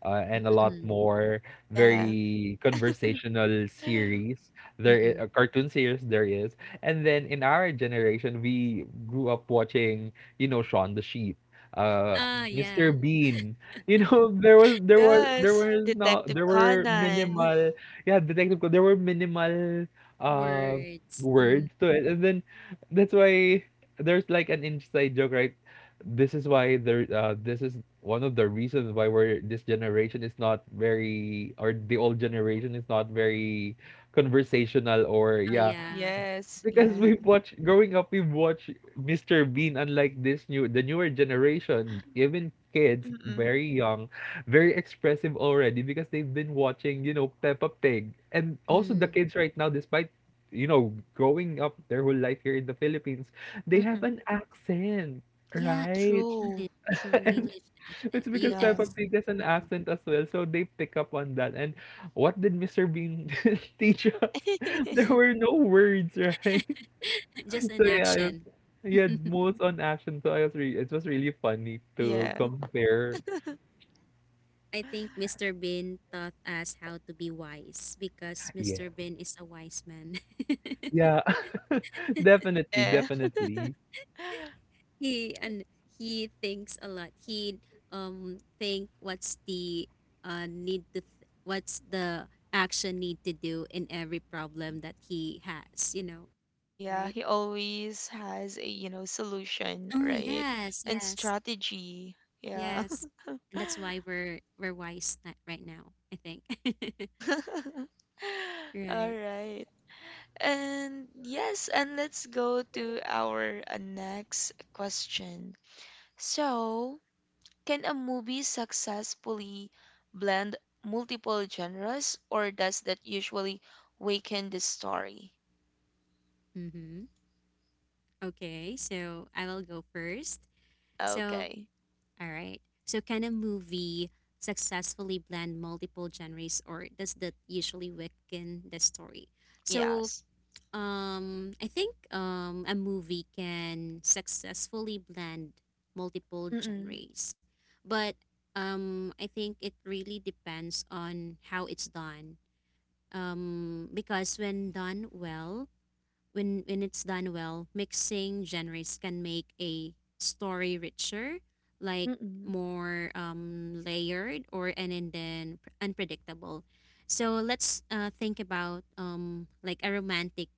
C: uh, and a
B: mm-mm,
C: lot more
A: Yeah.
C: very conversational series there i-
B: mm-mm.
C: uh, cartoon series there is. And then in our generation we grew up watching, you know, Shaun the Sheep, uh
B: Ah,
C: mister
B: yeah.
C: Bean, you know. there was there was there
A: Yes.
C: was not,
A: Detective
C: there were
A: Conan.
C: minimal, yeah, detective Co- there were minimal uh
B: Words. Mm-hmm.
C: words to it. And then that's why there's like an inside joke, right? This is why there. Uh, this is one of the reasons why we're this generation is not very, or the old generation is not very conversational, or
B: Oh,
C: yeah,
B: yeah.
A: Yes.
C: because
A: Yeah.
C: we've watched, growing up we've watched mister Bean, unlike this new, the newer generation. Even kids
A: Mm-mm.
C: very young, very expressive already because they've been watching, you know, Peppa Pig. And also the
B: Mm.
C: kids right now, despite, you know, growing up their whole life here in the Philippines, they have
A: Mm-mm.
C: an accent,
B: Yeah,
C: right?
A: True.
B: English,
A: True.
C: And
B: English
C: it's
B: accent.
C: because
A: Yeah.
C: Peppa
B: U S.
C: Pig has an
B: Mm-mm.
C: accent as well, so they pick up on that. And what did mister Bean teach us? There were no words, right?
B: Just
C: So
B: an
C: yeah, I was,
B: action.
C: he had moves on action, so I was re it was really funny to
A: Yeah.
C: compare.
B: I think Mister Bean taught us how to be wise because
C: Yeah.
B: Mister Bean is a wise man.
C: Yeah, definitely,
A: Yeah.
C: definitely.
B: He and he thinks a lot. He um think what's the uh need to th- what's the action need to do in every problem that he has. You know,
A: Yeah,
B: right?
A: he always has a, you know, solution,
B: Oh
A: right?
B: yes,
A: And
B: yes,
A: strategy. Yeah.
B: yes. And that's why we're we're wise that right now. I think.
A: All
B: Right.
A: right. And yes, and let's go to our uh, next question. So, can a movie successfully blend multiple genres, or does that usually weaken the story?
B: Mm-hmm. Okay, so I will go first. So
A: Okay.
B: all right. So can a movie successfully blend multiple genres or does that usually weaken the story? So
A: Yes.
B: um I think um a movie can successfully blend multiple genres. But um I think it really depends on how it's done. Um because when done well, when when it's done well, mixing genres can make a story richer, like
A: Mm.
B: more um, layered, or and, and then pr- unpredictable. So let's uh, think about um, like a romantic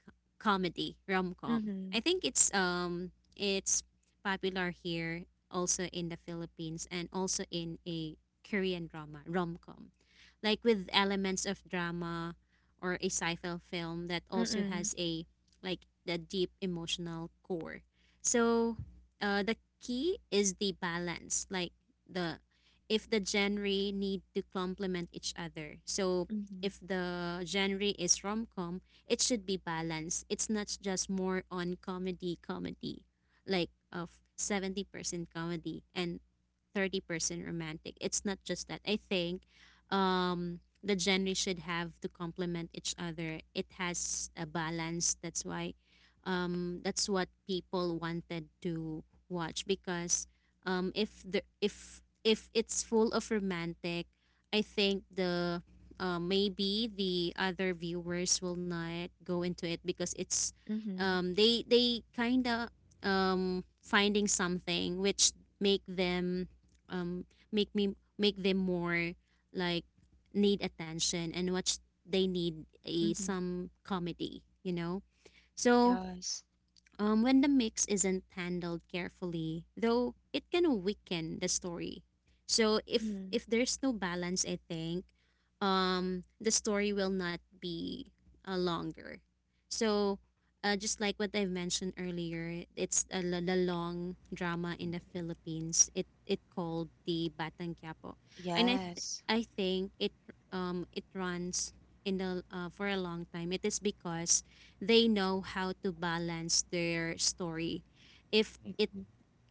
B: comedy rom com.
A: Mhm.
B: I think it's um it's popular here also in the Philippines, and also in a Korean drama rom com, like with elements of drama or a sci-fi film that also
A: Mm.
B: has a like the deep emotional core. So uh, the key is the balance, like the if the genre need to complement each other. So
A: Mhm.
B: if the genre is rom-com, it should be balanced. It's not just more on comedy comedy, like of seventy percent comedy and thirty percent romantic. It's not just that. I think um the genre should have to complement each other. It has a balance. That's why, um, that's what people wanted to watch because, um, if the if if it's full of romantic, I think the uh, maybe the other viewers will not go into it because it's
A: Mhm.
B: um, they they kind of um, finding something which make them um, make me make them more like need attention, and what they need is
A: Mhm.
B: some comedy, you know? So
A: Yes.
B: um, when the mix isn't handled carefully, though, it can weaken the story. So if
A: Mhm.
B: if there's no balance, I think um, the story will not be uh, longer. So uh, just like what I've mentioned earlier, it's a, l- the long drama in the Philippines. It it called the Batang Quiapo, and I th-
A: Yes.
B: I think it um it runs in the uh, for a long time. It is because they know how to balance their story. If it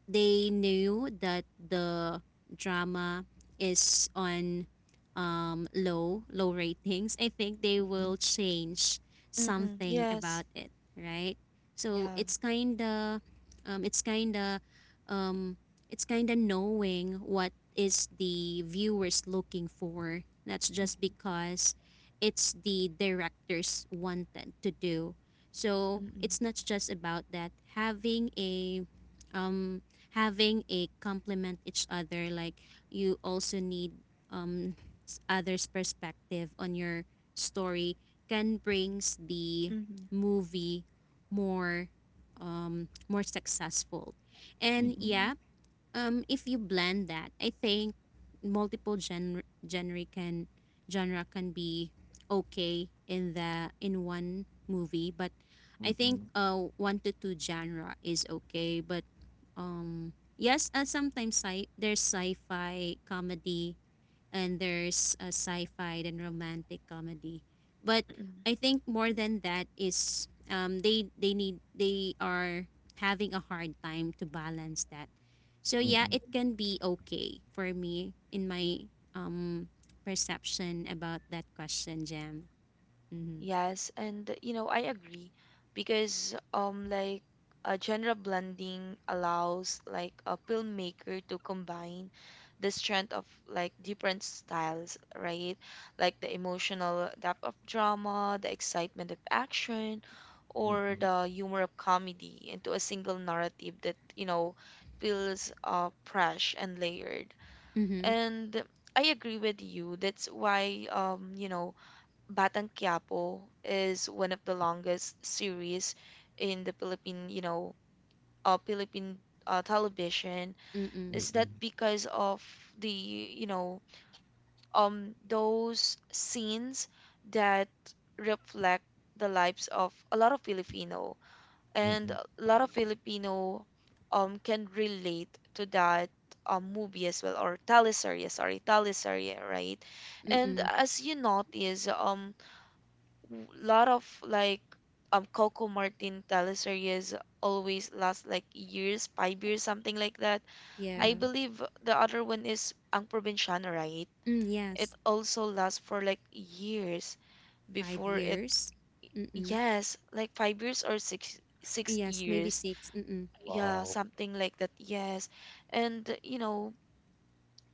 B: they knew that the drama is on um, low low ratings, I think they will change
A: Mm.
B: something
A: Yes.
B: about it, right? So
A: Yeah.
B: it's kind of um, it's kind of um, it's kind of knowing what is the viewers looking for. That's just because it's the directors wanted to do. So
A: Mm.
B: it's not just about that having a um, having a complement each other, like you also need um s- others perspective on your story can brings the
A: Mhm.
B: movie more um more successful. And
C: Mm-mm,
B: yeah, um if you blend that, I think multiple gen- genre can genre can be okay in the in one movie, but I think
C: mm-mm,
B: uh one to two genre is okay, but um yes, uh, sometimes sci- there's sci-fi comedy and there's a sci-fi and romantic comedy. But
A: Mhm.
B: I think more than that is um, they they need they are having a hard time to balance that. So yeah, it
C: mm-mm,
B: can be okay for me in my um perception about that question, Jam. Mm-hmm.
A: Yes, and you know, I agree because um like a genre blending allows like a filmmaker to combine the strength of like different styles, right? Like the emotional depth of drama, the excitement of action, or
C: mm-mm,
A: the humor of comedy into a single narrative that, you know, feels uh fresh and layered.
B: Mm-hmm.
A: And I agree with you. That's why um, you know, Batang Quiapo is one of the longest series in the Philippine, you know, uh, Philippine uh, television.
B: Mm-mm.
A: Is that
C: mm-mm,
A: because of the, you know, um, those scenes that reflect the lives of a lot of Filipino, and
C: mm-mm.
A: a lot of Filipino um can relate to that um movie as well or teleserye, sorry, teleserye, right? And
B: Mm-mm.
A: as you notice, um w- lot of like um Coco Martin teleseries always last like years, five years, something like that. I
B: Yeah.
A: believe the other one is Ang Probinsyano, right?
B: Mm,
A: It
B: yes.
A: also lasts for like years
B: Five
A: before it.
B: years. Mm-mm.
A: Yes, like five years or six six
B: Yes, maybe
A: years.
B: six. Mm-mm.
A: Yeah,
C: Wow.
A: something like that. Yes. And you know,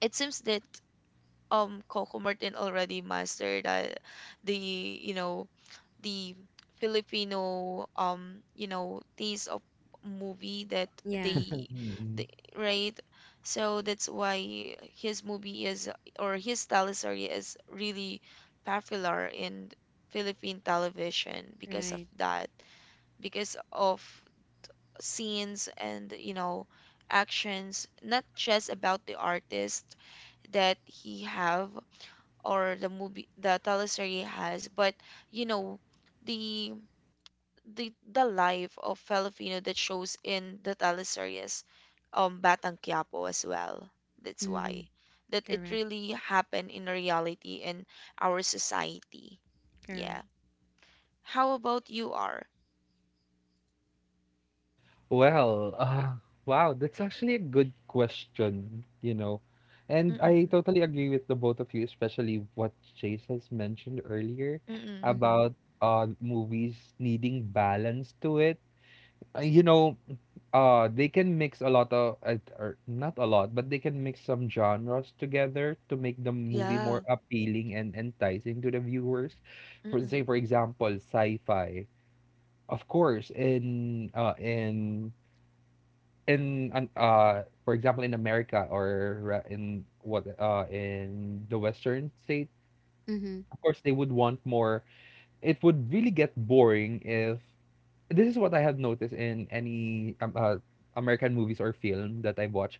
A: it seems that um Coco Martin already mastered that the you know the Filipino um you know taste of movie that
B: Yeah.
A: they,
C: Mm-mm.
A: they right, so that's why his movie is or his tele is really popular in Philippine television because of
B: Right.
A: that, because of scenes and you know actions, not just about the artist that he have or the movie the teleserye has, but you know the the the life of Filipino that shows in the teleseries um Batang Quiapo as well, that's
B: Mm-hmm.
A: why that it
B: Correct.
A: really happened in reality in our society. Yeah.
B: Correct.
A: How about you are
C: Well, uh, wow, that's actually a good question, you know. And I
A: mm-mm,
C: totally agree with the both of you, especially what Chase has mentioned earlier
A: mm-mm,
B: Mm-hmm.
C: about uh movies needing balance to it. Uh, you know, uh they can mix a lot of uh, or not a lot, but they can mix some genres together to make the movie
A: yeah
C: more appealing and enticing to the viewers. For
A: mm-mm,
C: say, for example, sci-fi, of course, in uh in in an- uh for example, in America or uh, in what uh in the western state,
B: Mm-hmm.
C: of course they would want more. It would really get boring if, this is what I have noticed in any um, uh, American movies or film that I've watched,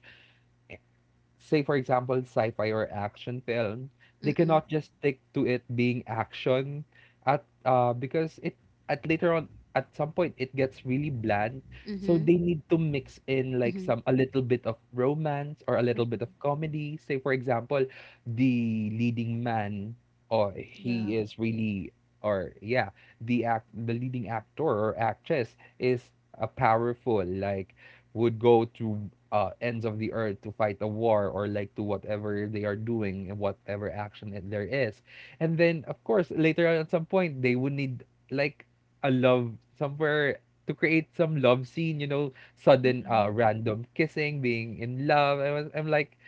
C: say for example sci-fi or action film, they
B: Mm-mm.
C: cannot just stick to it being action at uh because it, at later on at some point it gets really bland. So
B: Mm-hmm.
C: they need to mix in like
B: Mm-hmm.
C: some, a little bit of romance or a little bit of
A: mm-mm,
C: comedy. Say for example, the leading man, or
A: yeah
C: he is really, or yeah, the act the leading actor or actress is a powerful, like, would go to uh, ends of the earth to fight a war or like to whatever they are doing and whatever action that there is. And then, of course, later on at some point, they would need like a love somewhere to create some love scene, you know, sudden uh,
A: mm-mm,
C: random kissing, being in love. I was, I'm like,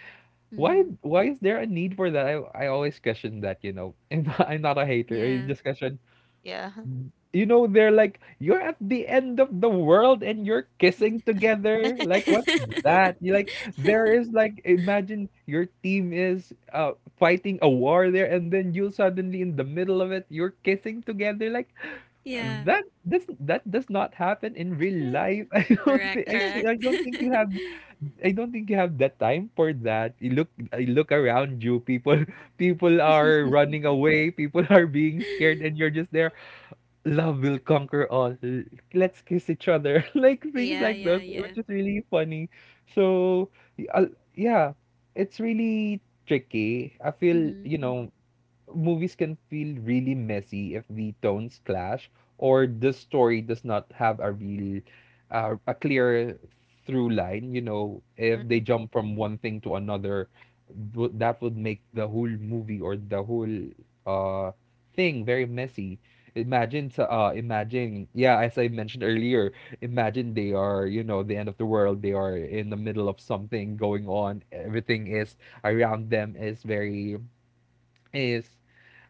C: why
B: Mm-hmm.
C: why is there a need for that? I, I always question that, you know. And I'm not a hater, I
B: Yeah.
C: just question,
A: yeah
C: you know. They're like, you're at the end of the world and you're kissing together, like what's that? You like, there is like, imagine your team is uh fighting a war there, and then you suddenly in the middle of it you're kissing together, like
B: Yeah.
C: that does that does not happen in real
A: Mm-mm.
C: life. i don't
B: Correct.
C: think I,
B: Correct.
C: I don't think you have, i don't think you have that time for that. You look I look around you, people people are running away, people are being scared, and you're just there, love will conquer all. L- Let's kiss each other. Like things
B: Yeah.
C: like those,
B: Yeah. Yeah.
C: which is really funny. So, y- al- yeah, it's really tricky, I feel,
B: Mm-hmm.
C: you know. Movies can feel really messy if the tones clash or the story does not have a real uh, a clear through line, you know. If they
A: Mm-mm.
C: jump from one thing to another, wo- that would make the whole movie or the whole uh thing very messy. Imagine sa- uh imagine, yeah, as i mentioned earlier, imagine they are, you know, the end of the world, they are in the middle of something going on, everything is around them is very is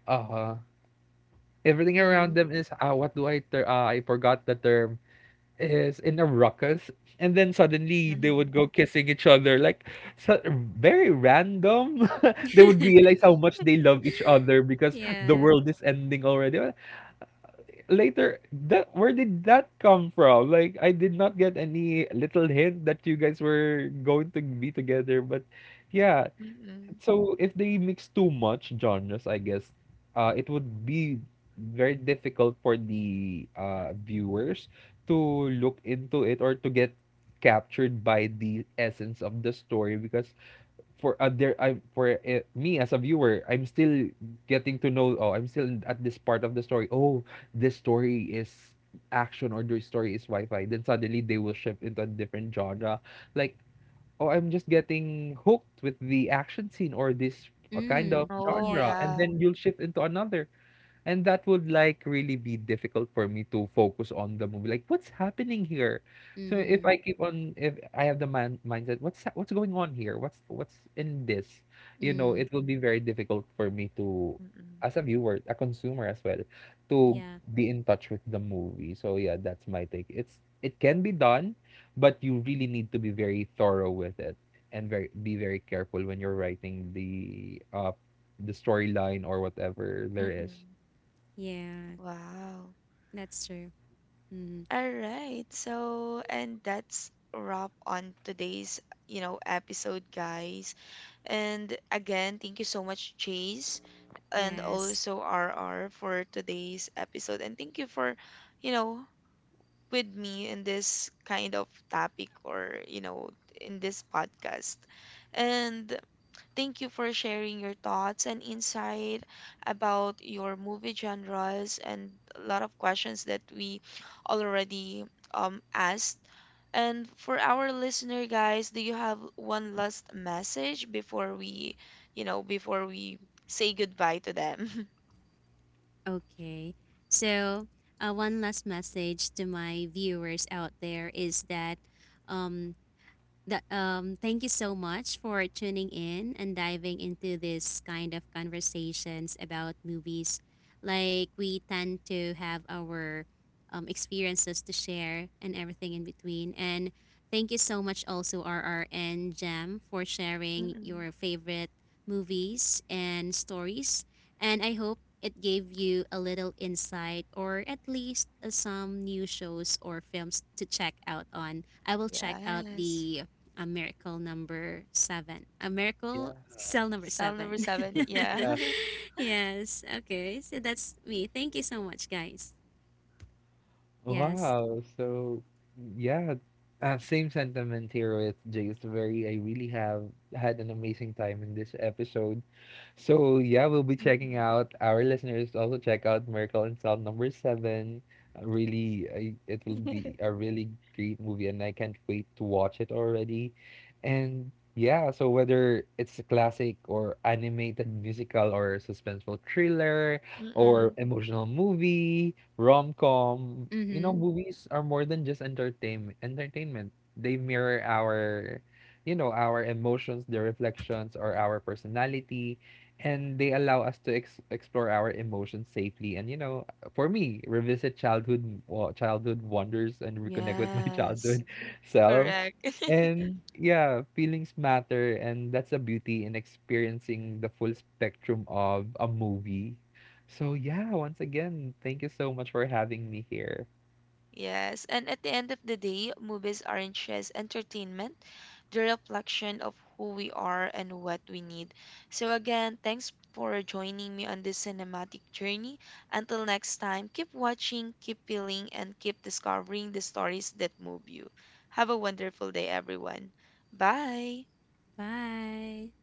C: uh-huh. Everything around
B: Mm-hmm.
C: them is, ah, what do I ter- ah, I forgot the term, is in a ruckus, and then suddenly they would
A: Mm-mm.
C: go kissing each other, like, so, very random. They would realize how much they love each other because the
B: Yeah.
C: world is ending already. Well, later, that where did that come from? Like, I did not get any little hint that you guys were going to be together, but yeah. So if they mix too much genres, I guess, uh, it would be very difficult for the uh, viewers to look into it or to get captured by the essence of the story. Because for other I for uh, me, as a viewer, I'm still getting to know, oh, I'm still at this part of the story. Oh, this story is action, or this story is sci-fi, then suddenly they will shift into a different genre. Like, oh, I'm just getting hooked with the action scene or this uh, kind of
B: Mm.
A: Oh,
C: genre,
B: Yeah.
C: and
A: yeah.
C: then you'll shift into another. And that would like really be difficult for me to focus on the movie. Like, what's happening here? So if
B: Mm-hmm.
C: I keep on, if I have the man mindset, what's ha- what's going on here? What's what's in this? You know,
B: Mm.
C: it will be very difficult for me to,
A: Mm,
C: as a viewer, a consumer as well, to
B: Yeah.
C: be in touch with the movie. So yeah, that's my take. It's, it can be done, but you really need to be very thorough with it and very, be very careful when you're writing the uh the storyline or whatever there is.
A: mm.
B: Yeah.
A: Wow.
B: That's true. Mm.
A: All right. So, and that's wrap on today's, you know, episode, guys. And again, thank you so much, Chase, and
B: Yes.
A: also R R for today's episode. And thank you for, you know, with me in this kind of topic or, you know, in this podcast. And thank you for sharing your thoughts and insight about your movie genres and a lot of questions that we already um, asked. And for our listener guys, do you have one last message before we, you know, before we say goodbye to them?
B: Okay. So, uh, one last message to my viewers out there is that um that um thank you so much for tuning in and diving into this kind of conversations about movies, like we tend to have our um, experiences to share and everything in between. And thank you so much also R R and Jam for sharing
A: Mm-mm.
B: your favorite movies and stories, and I hope it gave you a little insight, or at least uh, some new shows or films to check out on. I will check out
A: Yes.
B: the a miracle number seven. A miracle
C: Yeah.
B: cell number
A: Cell number
B: seven.
A: seven. Yeah.
B: Yes. Okay. So that's me. Thank you so much, guys. Yes.
C: Wow. So yeah, uh, same sentiment here with Jace. Very, I really have had an amazing time in this episode. So yeah, we'll be checking
A: Mm-mm.
C: out, our listeners also check out Miracle in Cell Number Seven. Uh, Really, I, it will be a really great movie, and I can't wait to watch it already. And yeah, so whether it's a classic or animated musical or suspenseful thriller or
A: Mm-mm.
C: emotional movie, rom-com, you know,
B: Mm-hmm.
C: movies are more than just entertainment. Entertainment. They mirror our, you know, our emotions, their reflections, or our personality, and they allow us to ex- explore our emotions safely. And you know, for me, revisit childhood wa- childhood wonders and reconnect with my
A: Yes.
C: childhood self.
A: Correct.
C: And yeah, feelings matter, and that's a beauty in experiencing the full spectrum of a movie. So yeah, once again, thank you so much for having me here.
A: Yes, and at the end of the day, movies aren't just entertainment, they're a reflection of who we are and what we need. So, again, thanks for joining me on this cinematic journey. Until next time, keep watching, keep feeling, and keep discovering the stories that move you. Have a wonderful day, everyone. Bye.
B: Bye.